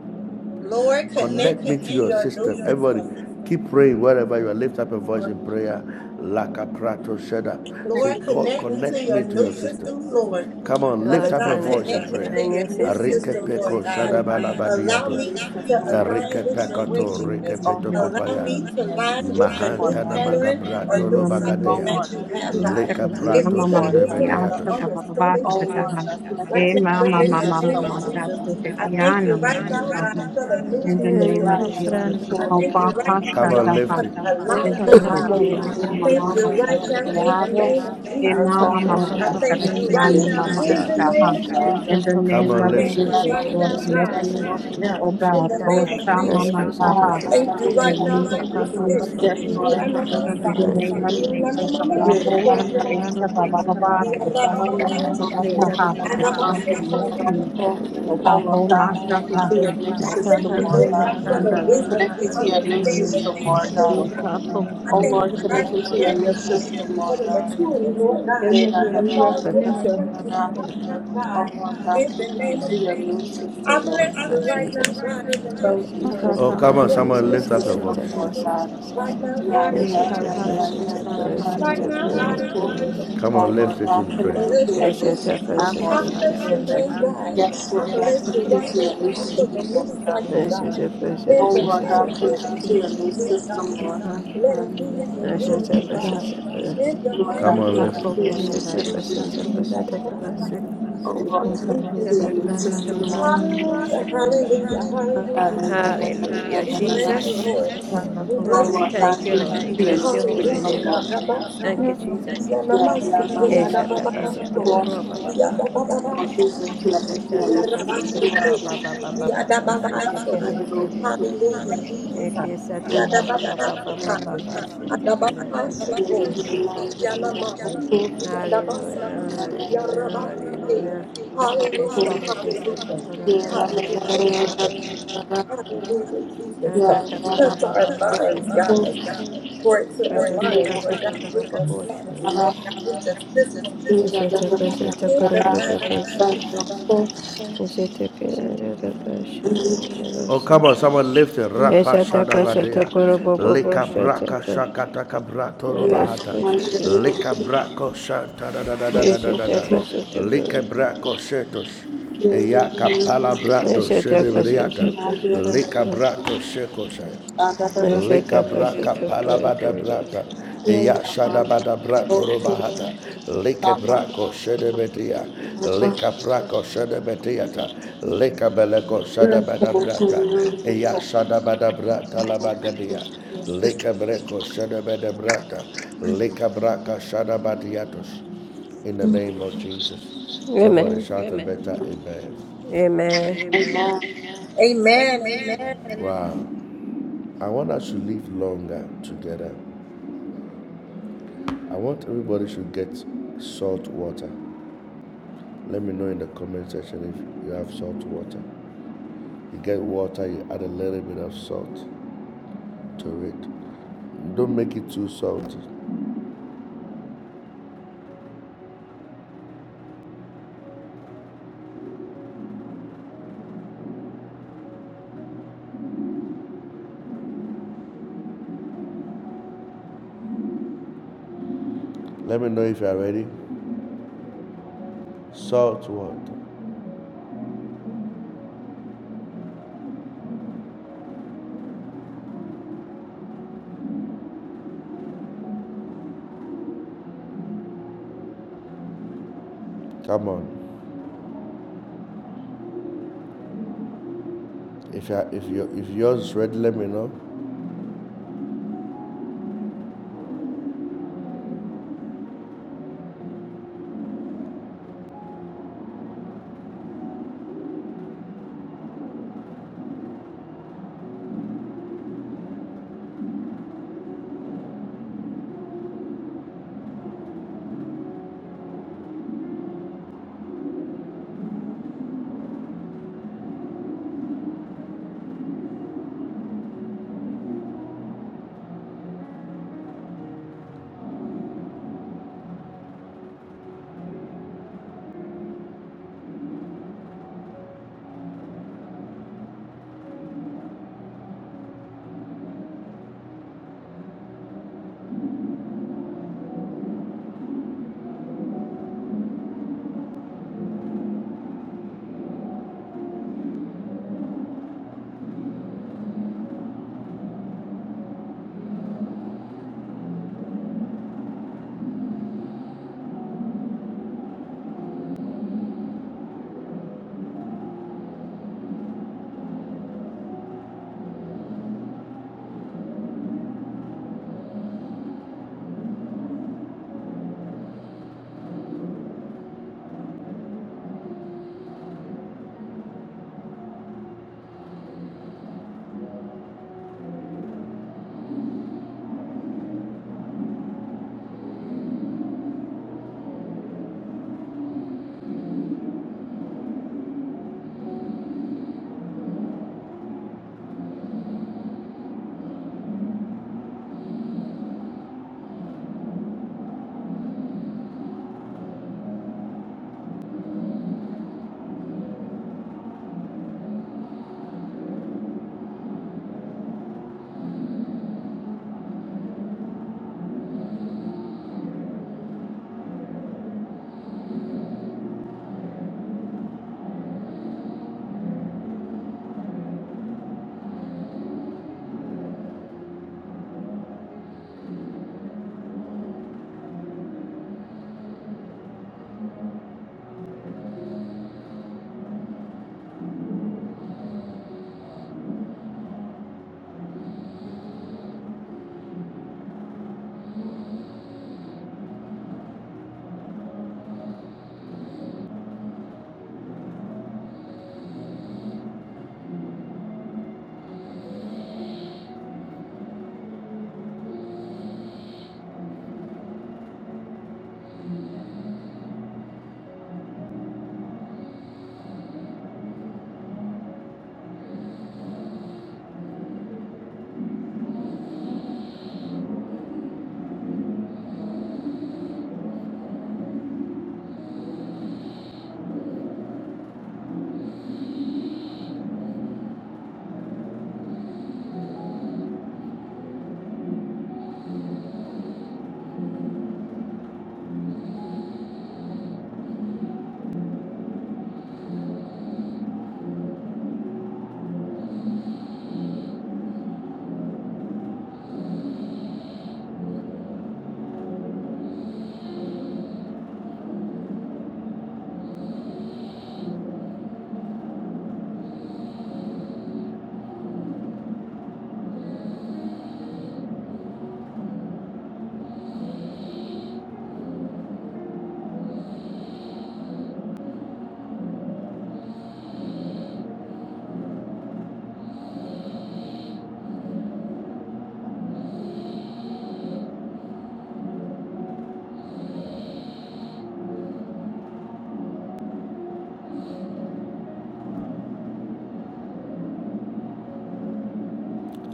Speaker 11: Lord, connect
Speaker 2: Connect me
Speaker 11: me
Speaker 2: to
Speaker 11: to
Speaker 2: your
Speaker 11: your new
Speaker 2: system. Everybody,
Speaker 11: system.
Speaker 2: keep praying wherever you are. Lift up a voice in prayer. Lakaprato prato sheda. Say,
Speaker 11: Lord,
Speaker 2: God,
Speaker 11: connect me to
Speaker 2: connect me
Speaker 11: your
Speaker 2: to
Speaker 11: new
Speaker 2: your
Speaker 11: system, Lord.
Speaker 2: system. Come on, lift
Speaker 11: Father
Speaker 10: Lord,
Speaker 2: up your
Speaker 11: God,
Speaker 10: connect
Speaker 2: voice
Speaker 10: me
Speaker 11: connect
Speaker 2: in
Speaker 10: to
Speaker 11: me
Speaker 2: prayer.
Speaker 10: my
Speaker 11: to your
Speaker 10: new
Speaker 11: new
Speaker 10: system.
Speaker 2: Arike
Speaker 11: system, Lord
Speaker 2: peko
Speaker 11: God.
Speaker 2: shada
Speaker 8: you, Jesus. Thank
Speaker 11: Allow
Speaker 8: you,
Speaker 11: me to
Speaker 2: balabadiatos.
Speaker 11: align
Speaker 2: Arike
Speaker 11: with your way,
Speaker 2: pekato
Speaker 8: Jesus.
Speaker 2: rike
Speaker 11: Jesus.
Speaker 8: Thank
Speaker 2: peto
Speaker 8: you,
Speaker 11: Allow
Speaker 2: kopaya.
Speaker 11: me to
Speaker 8: Jesus.
Speaker 11: align with the
Speaker 8: In the
Speaker 11: new
Speaker 2: Mahanta na
Speaker 8: name
Speaker 11: pattern or
Speaker 2: magabrato lo
Speaker 11: new cycle
Speaker 2: bagadea.
Speaker 11: that you have, God.
Speaker 2: Lika
Speaker 11: Give me the
Speaker 2: shede
Speaker 11: wisdom and the
Speaker 2: bedeatos.
Speaker 11: understanding, Jesus. Right now, God,
Speaker 2: Hey,
Speaker 11: in the name of Jesus, I thank you right now, God, for
Speaker 10: Connect
Speaker 11: the
Speaker 10: me
Speaker 11: new
Speaker 10: To your new
Speaker 11: system,
Speaker 8: of
Speaker 11: Jesus.
Speaker 10: system.
Speaker 8: Jesus, the
Speaker 11: I thank
Speaker 8: Papa
Speaker 11: you right
Speaker 2: how
Speaker 11: now,
Speaker 2: about
Speaker 11: God,
Speaker 8: Hashtataha
Speaker 2: lift
Speaker 11: for
Speaker 2: it?
Speaker 11: the alignment,
Speaker 10: your
Speaker 11: God.
Speaker 8: enviando
Speaker 10: new
Speaker 8: mama
Speaker 11: I thank
Speaker 8: mama
Speaker 11: you
Speaker 10: system.
Speaker 11: right now in the
Speaker 8: shakatiaro
Speaker 11: name of
Speaker 8: e
Speaker 11: Jesus.
Speaker 8: mama mama
Speaker 11: I thank you right
Speaker 8: shakatiano
Speaker 11: now
Speaker 8: mama
Speaker 11: in the name
Speaker 8: mutaha.
Speaker 11: of
Speaker 10: Yeshitokosotokorodorodorobashanda.
Speaker 8: In
Speaker 11: Jesus.
Speaker 8: the
Speaker 2: How
Speaker 11: I
Speaker 8: name
Speaker 2: about
Speaker 8: of
Speaker 2: lift
Speaker 11: thank
Speaker 2: it?
Speaker 11: you
Speaker 8: Jesus,
Speaker 11: right
Speaker 8: Lord,
Speaker 11: now,
Speaker 8: connect
Speaker 11: God
Speaker 8: me, oh
Speaker 10: Yeskosotokosotokorodorodorobasha.
Speaker 11: in
Speaker 8: God,
Speaker 11: the name of
Speaker 8: Rosha
Speaker 11: Jesus.
Speaker 8: mama
Speaker 11: I
Speaker 8: taha,
Speaker 11: thank you
Speaker 8: to your
Speaker 11: right now,
Speaker 8: new,
Speaker 11: Holy
Speaker 8: to your
Speaker 11: Spirit.
Speaker 10: Yeskosotokosotokorodorodorobashanda.
Speaker 8: system,
Speaker 11: We are
Speaker 8: Daddy.
Speaker 11: not my
Speaker 8: In the
Speaker 11: side.
Speaker 8: name of
Speaker 3: Yeah,
Speaker 11: We are not
Speaker 10: Yeshitokosotokorodorodorobashata.
Speaker 11: my
Speaker 8: Jesus,
Speaker 11: mama.
Speaker 3: The
Speaker 11: So
Speaker 8: Akaro,
Speaker 11: call
Speaker 3: command
Speaker 11: it
Speaker 3: the
Speaker 11: on
Speaker 3: land
Speaker 11: to
Speaker 8: Esha
Speaker 3: of
Speaker 11: you.
Speaker 8: Baba
Speaker 3: Shikira.
Speaker 8: Baba,
Speaker 11: We
Speaker 8: to the Dana
Speaker 3: I
Speaker 8: Masha
Speaker 3: complained
Speaker 11: are
Speaker 3: that the
Speaker 8: Taha,
Speaker 11: not my
Speaker 3: Dada
Speaker 8: Lord, connect
Speaker 11: mama.
Speaker 8: me, oh God, Ro Masha Taha.
Speaker 11: Jesus. I
Speaker 8: In
Speaker 11: thank
Speaker 8: the
Speaker 3: Napata
Speaker 11: you, Lord
Speaker 8: name
Speaker 11: God,
Speaker 8: of
Speaker 11: for the
Speaker 8: Jesus,
Speaker 3: Kasapanda
Speaker 11: wisdom
Speaker 3: Nana
Speaker 11: to
Speaker 8: in the
Speaker 11: understand
Speaker 3: Diki.
Speaker 11: the
Speaker 8: name of Jesus,
Speaker 11: cycle,
Speaker 3: The
Speaker 11: Lord
Speaker 8: Lord,
Speaker 11: God.
Speaker 3: Kako
Speaker 8: connect
Speaker 11: I
Speaker 8: me.
Speaker 11: thank you
Speaker 3: Punda.
Speaker 11: right now, Lord
Speaker 8: Yes,
Speaker 11: God, for the maturity, Lord God,
Speaker 8: Emily, we
Speaker 11: to
Speaker 8: Eminem
Speaker 11: follow the
Speaker 8: representa
Speaker 11: instructions right now, God, in the name of Jesus. I bless you right now,
Speaker 10: Jesus.
Speaker 11: God, in the name of
Speaker 10: He
Speaker 11: Jesus,
Speaker 10: fought
Speaker 2: Oh,
Speaker 3: Akaka
Speaker 2: come on,
Speaker 10: against
Speaker 11: for the
Speaker 2: someone
Speaker 3: Pindi.
Speaker 10: Jesus,
Speaker 11: new
Speaker 2: lift up your
Speaker 11: system,
Speaker 2: voice.
Speaker 10: Hecatacus,
Speaker 11: Jesus. Right now, God, in the
Speaker 3: The
Speaker 11: name of
Speaker 3: Kakaka
Speaker 10: Nacitacus,
Speaker 11: Jesus.
Speaker 3: Punda the,
Speaker 10: Tacrus, Tacrus,
Speaker 11: Right now,
Speaker 3: Dosika.
Speaker 11: God, in the name of
Speaker 2: Come on,
Speaker 11: Jesus.
Speaker 2: lift it in
Speaker 11: I
Speaker 2: prayer.
Speaker 11: bless you, Jesus.
Speaker 10: Nacitacus, Tacrus,
Speaker 11: I
Speaker 3: Akaka
Speaker 11: bless
Speaker 10: Tacrus,
Speaker 11: your
Speaker 3: Jenda
Speaker 11: name,
Speaker 3: Nana Dosika.
Speaker 11: God. I bless you
Speaker 10: Nacitacus,
Speaker 11: right now, God, for the new cycle,
Speaker 3: Akaka
Speaker 11: God.
Speaker 10: Ishitacus,
Speaker 11: In the mighty name
Speaker 3: Punda
Speaker 11: of Jesus, Lord God.
Speaker 3: Dosika.
Speaker 11: Let it be in your
Speaker 10: Ashitacus,
Speaker 11: will, oh
Speaker 10: Tacrus,
Speaker 11: God. In the mighty
Speaker 2: Come on,
Speaker 11: name of
Speaker 2: lift
Speaker 11: Jesus,
Speaker 10: Ishitacus, Tacrus,
Speaker 11: God, that I
Speaker 10: Tatamasi,
Speaker 11: sign.
Speaker 3: Akaka
Speaker 11: Hallelujah, Jesus.
Speaker 3: Punda
Speaker 10: Nacitacus,
Speaker 3: Nana Dosika.
Speaker 10: Tacrus,
Speaker 11: Hallelujah, hallelujah,
Speaker 3: Ta
Speaker 11: hallelujah, Jesus.
Speaker 10: Hallelujah,
Speaker 11: We bless you,
Speaker 10: Jesus.
Speaker 11: Lord.
Speaker 2: it.
Speaker 11: We
Speaker 10: Uh, we
Speaker 11: bless you,
Speaker 2: We
Speaker 11: Jesus.
Speaker 10: Thank you, Lord. We
Speaker 2: thank you.
Speaker 10: bless your
Speaker 2: We
Speaker 10: holy
Speaker 2: bless
Speaker 11: Hallelujah,
Speaker 2: your
Speaker 10: name.
Speaker 2: holy
Speaker 11: God, Rabba
Speaker 10: Thank you,
Speaker 11: Father.
Speaker 2: Thank
Speaker 10: Jesus.
Speaker 2: you,
Speaker 11: Yanamashike, Yadababaso,
Speaker 10: Eshatakasotokorobababa.
Speaker 11: Yadababaso,
Speaker 10: Shataka
Speaker 11: Yadabashike,
Speaker 10: Satokura Baba Baba Baba Shetike
Speaker 11: Yadababaso.
Speaker 10: Shetike
Speaker 11: Hallelujah, Jesus.
Speaker 10: Eke Satakura Baba Baba
Speaker 11: Yadababaso,
Speaker 10: Baba Shetike Da Da Da Da Da
Speaker 11: Adababashiko,
Speaker 10: Boshan
Speaker 11: Yanamai, Yadabaso,
Speaker 10: Hallelujah Hallelujah
Speaker 11: Yarabashike.
Speaker 10: Hallelujah
Speaker 11: Hallelujah,
Speaker 10: Eshetike
Speaker 11: hallelujah,
Speaker 10: Satokura Da Da Da Da
Speaker 11: hallelujah,
Speaker 10: Da
Speaker 11: Jesus.
Speaker 10: Baba Baba
Speaker 11: Hallelujah, Jesus.
Speaker 10: Satakura
Speaker 11: Touch
Speaker 10: Baba
Speaker 11: our
Speaker 10: Baba
Speaker 11: minds,
Speaker 10: Shetike
Speaker 11: God, for it to align,
Speaker 10: Skashataka
Speaker 11: Lord God,
Speaker 10: Satokura
Speaker 11: with
Speaker 10: Baba
Speaker 11: the cycle,
Speaker 10: Boshan
Speaker 11: Lord God, with your system.
Speaker 10: Eshataka
Speaker 11: Give
Speaker 10: Satokura
Speaker 11: them
Speaker 10: Da Da
Speaker 11: mighty.
Speaker 10: Boshan Eshetike Da Da Da Boshan Da Da
Speaker 2: Oh,
Speaker 10: Boshan
Speaker 2: come on, someone lift it. Rapa
Speaker 10: Eshataka satakura
Speaker 2: shadabadea.
Speaker 10: bobo
Speaker 2: Lika braka
Speaker 10: boshataka.
Speaker 2: shakata kabrato robahata.
Speaker 10: Eska shataka.
Speaker 2: Lika brako shanta da da da da da da da da.
Speaker 10: Eshataka
Speaker 2: Lika
Speaker 10: sataka.
Speaker 2: brako shetos. Eyaka palabrato
Speaker 10: Eshataka
Speaker 2: shedebriata.
Speaker 10: sataka
Speaker 2: Lika
Speaker 10: shataka.
Speaker 2: brato shekosaya. Lika
Speaker 10: Eshataka sataka
Speaker 2: palabada
Speaker 10: delos.
Speaker 2: brata. Ya bada brato robahata. Lika shedebetia. Lika shedebetiata. Lika belego brata. Ya bada brata labagadia. Lika shedebede brata. Lika braka In the name of Jesus. Somebody
Speaker 10: Amen.
Speaker 2: shouted Amen. better, amen.
Speaker 10: Amen.
Speaker 2: Amen.
Speaker 11: Amen.
Speaker 2: Amen.
Speaker 11: Amen.
Speaker 2: Wow. I want us to live longer together. I want everybody should get salt water. Let me know in the comment section if you have salt water. You get water, you add a little bit of salt to it. Don't make it too salty. Let me know if you are ready. Salt water. Come on. If you are, if you if yours is ready, let me know.